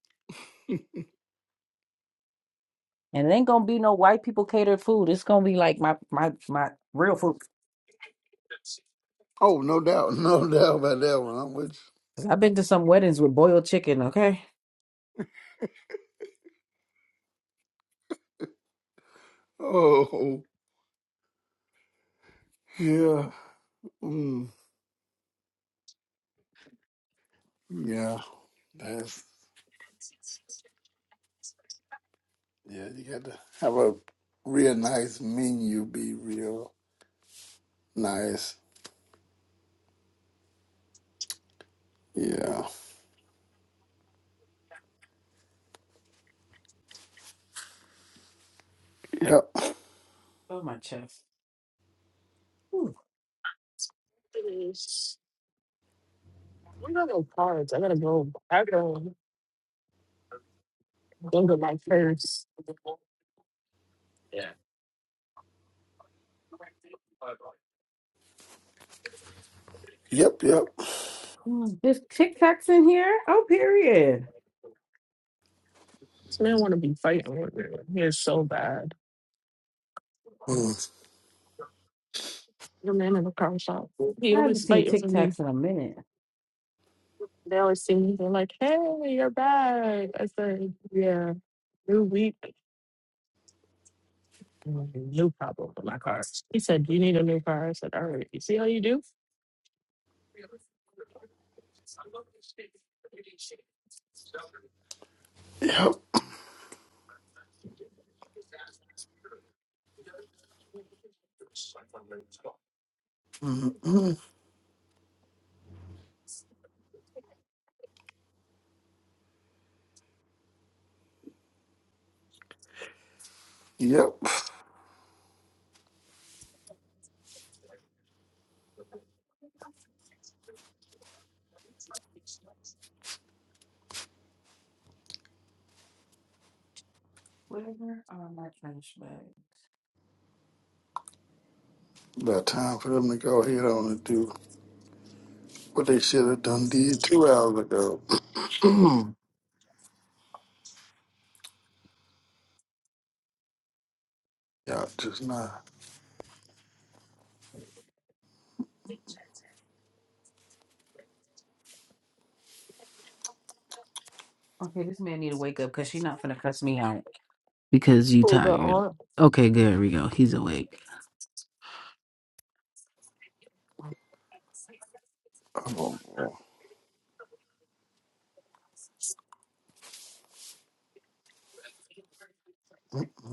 [SPEAKER 3] And it ain't gonna be no white people catered food. It's gonna be like my my my real food.
[SPEAKER 6] Oh, no doubt, no doubt about that one. I'm with
[SPEAKER 3] 'Cause I've been to some weddings with boiled chicken. Okay,
[SPEAKER 6] you. Oh, yeah, mm, yeah. That's yeah. You got to have a real nice menu. Be real nice. Yeah. Yep.
[SPEAKER 3] oh my chest. Ooh.
[SPEAKER 1] I don't got no cards. I gotta go. I gotta go to my purse.
[SPEAKER 6] Yep. Yep.
[SPEAKER 3] Mm, There's Tic
[SPEAKER 1] This
[SPEAKER 3] Tacs in here. Oh, period.
[SPEAKER 1] man want to be fighting with me. He is so bad.
[SPEAKER 6] Mm,
[SPEAKER 1] The man in the car shop. He
[SPEAKER 3] I haven't
[SPEAKER 1] always
[SPEAKER 3] seen
[SPEAKER 1] fighting
[SPEAKER 3] Tic
[SPEAKER 1] for me.
[SPEAKER 3] Tacs in a minute.
[SPEAKER 1] They always see me. They're like, "Hey, you're back." I said, "Yeah, new week, new problem with my car." He said, "You need a new car." I said, "All right, you see how you do."
[SPEAKER 6] Yep. mm Yep.
[SPEAKER 3] Whatever are my trash bag?
[SPEAKER 6] About time for them to go ahead on and do what they should have done did two hours ago. yeah, just not.
[SPEAKER 3] Okay, this man need to wake up because she not finna cuss me out because you
[SPEAKER 1] Oh, the
[SPEAKER 3] tired.
[SPEAKER 1] aunt.
[SPEAKER 3] Okay, good. we go. He's awake.
[SPEAKER 6] Oh, boy.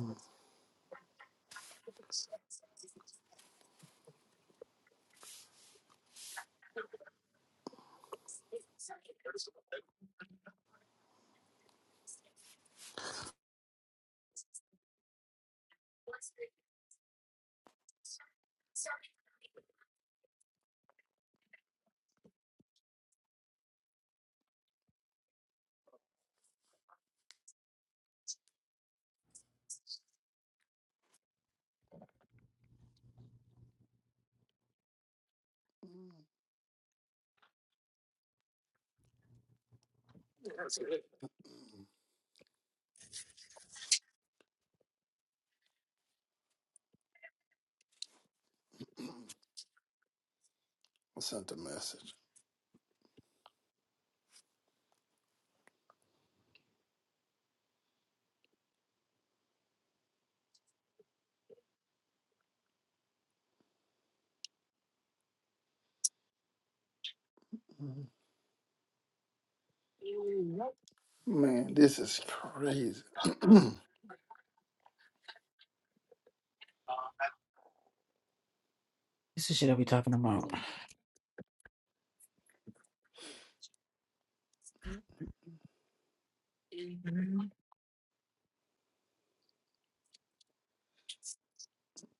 [SPEAKER 6] I sent a message. Man, this is crazy.
[SPEAKER 3] This is shit I be talking about.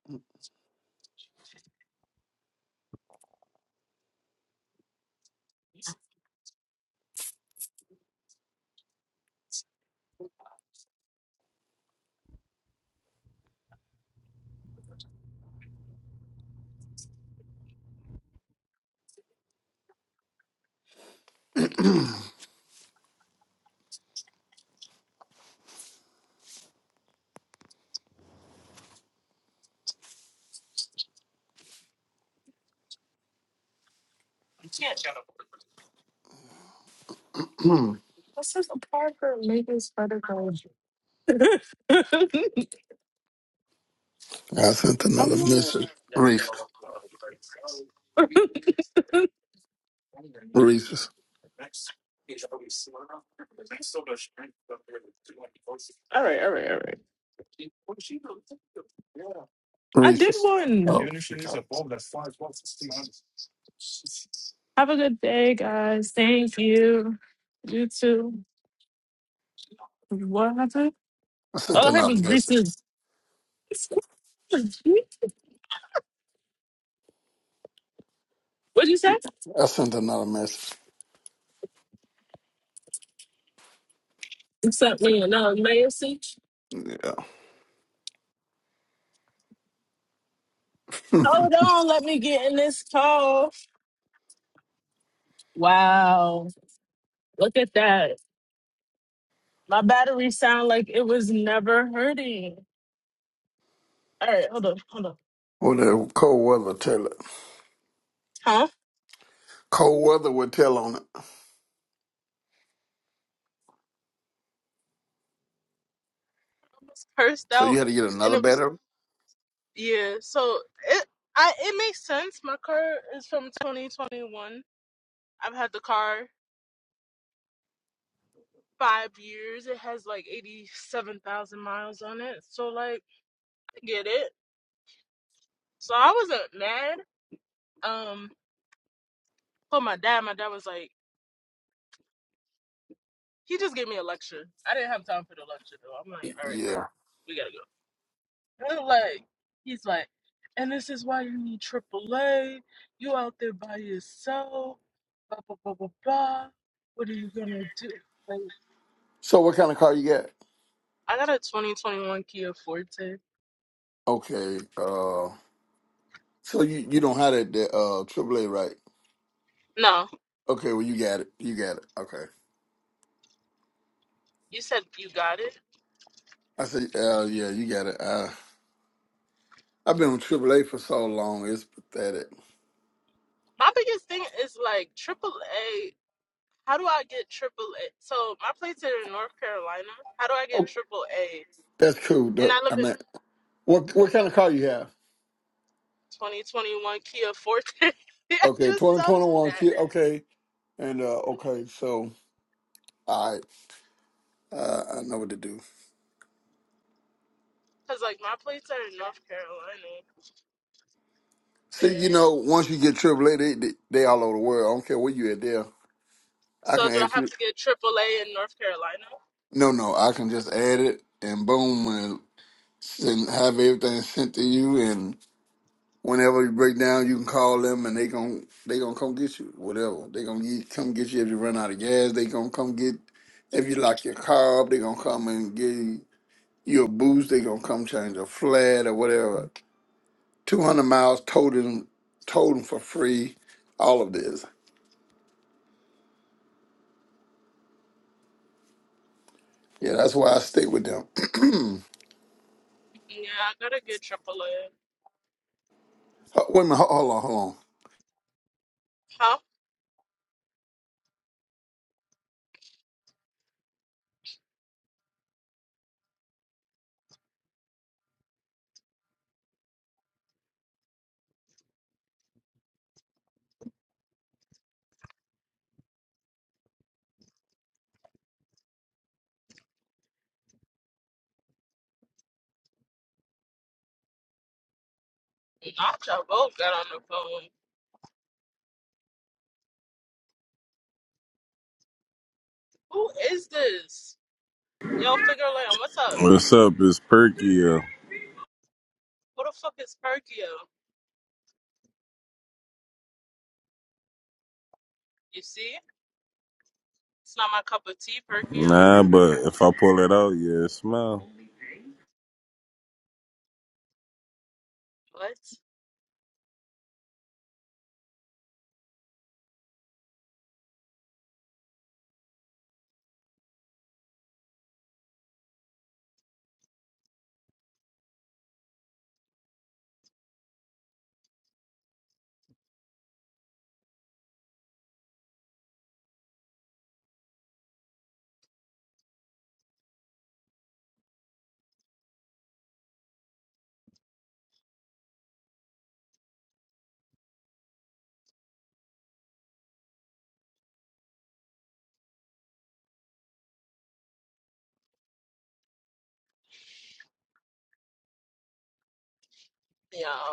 [SPEAKER 6] I
[SPEAKER 1] This is a part for making spider cars.
[SPEAKER 6] sent another
[SPEAKER 1] I'm
[SPEAKER 6] message. Reese,
[SPEAKER 1] like,
[SPEAKER 6] Reese's,
[SPEAKER 1] All right, all right, all right. I did
[SPEAKER 6] Reese's.
[SPEAKER 1] one.
[SPEAKER 6] Oh,
[SPEAKER 1] Even if she needs a
[SPEAKER 6] because
[SPEAKER 1] bulb, that's fine as well. It's still honest. Have a good day, guys. Thank you. You too. What happened?
[SPEAKER 6] I sent
[SPEAKER 1] All I heard
[SPEAKER 6] another
[SPEAKER 1] was
[SPEAKER 6] message.
[SPEAKER 1] Reese's. What'd you say?
[SPEAKER 6] I sent another message.
[SPEAKER 1] Except me no message. Macy.
[SPEAKER 6] Yeah.
[SPEAKER 1] Hold on, let me get in this call. Wow, look at that. My battery sound like it was never hurting. All right, hold on, hold on.
[SPEAKER 6] What the cold weather tell it.
[SPEAKER 1] Huh?
[SPEAKER 6] Cold weather would tell on it.
[SPEAKER 1] Cursed
[SPEAKER 6] So
[SPEAKER 1] out.
[SPEAKER 6] you had to get another battery.
[SPEAKER 1] Yeah, so it I it makes sense. My car is from 2021. I've had the car five years. It has like 87,000 miles on it. So like, I get it. So I wasn't mad. Um, for my dad, like, he just gave me a lecture. I didn't have time for the lecture though. I'm like, all right, bro,
[SPEAKER 6] Yeah.
[SPEAKER 1] we gotta go. And like, he's like, and this is why you need AAA. You out there by yourself. Blah blah blah blah blah. What are you gonna do? Like,
[SPEAKER 6] So what kind of car you got?
[SPEAKER 1] I got a 2021 Kia Forte.
[SPEAKER 6] Okay. Uh. So you you don't have that that, uh AAA right?
[SPEAKER 1] No,
[SPEAKER 6] Okay. Well, you got it. You got it. Okay.
[SPEAKER 1] you said you got it.
[SPEAKER 6] I said, uh, yeah, you got it. Uh, I've been on AAA for so long, it's pathetic.
[SPEAKER 1] My biggest thing is like AAA. How do I get AAA? So my plates are in North Carolina. How do I get
[SPEAKER 6] Oh,
[SPEAKER 1] AAA?
[SPEAKER 6] that's cool.
[SPEAKER 1] And
[SPEAKER 6] Doc.
[SPEAKER 1] I live
[SPEAKER 6] I mean, what what
[SPEAKER 1] in
[SPEAKER 6] kind of
[SPEAKER 1] mm,
[SPEAKER 6] car you have?
[SPEAKER 1] 2021 Kia Forte. I
[SPEAKER 6] Okay,
[SPEAKER 1] just
[SPEAKER 6] twenty
[SPEAKER 1] told
[SPEAKER 6] twenty
[SPEAKER 1] you
[SPEAKER 6] one
[SPEAKER 1] that
[SPEAKER 6] kid. Okay, and uh, okay, so all right, uh, I know what to do.
[SPEAKER 1] because like my plates are in North Carolina.
[SPEAKER 6] See,
[SPEAKER 1] Yeah.
[SPEAKER 6] you know, once you get AAA, they, they they all over the world. I don't care where you at there. I can
[SPEAKER 1] So do I
[SPEAKER 6] add
[SPEAKER 1] have
[SPEAKER 6] you.
[SPEAKER 1] to get AAA in North Carolina?
[SPEAKER 6] No, no, I can just add it and boom, and send, have everything sent to you, and. Whenever you break down, you can call them and they gon' they gonna come get you. Whatever they gonna get, come get you if you run out of gas. They gonna come get if you lock your car up. They gonna come and give you a boost. They gonna come change a flat or whatever. Two hundred miles towed them, towed them for free. All of this. Yeah, that's why I stay with them.
[SPEAKER 1] Yeah, I gotta get AAA.
[SPEAKER 6] Wait a minute. Hold on. Hold on.
[SPEAKER 1] Huh? Not y'all both got on the phone. Who is this? Yo, Figure Lamb, what's up?
[SPEAKER 7] what's up? It's Perky. Yo.
[SPEAKER 1] Who the fuck is Perkyo? You see? It's not my cup of tea, Perkyo.
[SPEAKER 7] Nah, but if I pull it out, yeah, it smell.
[SPEAKER 1] What? Yeah.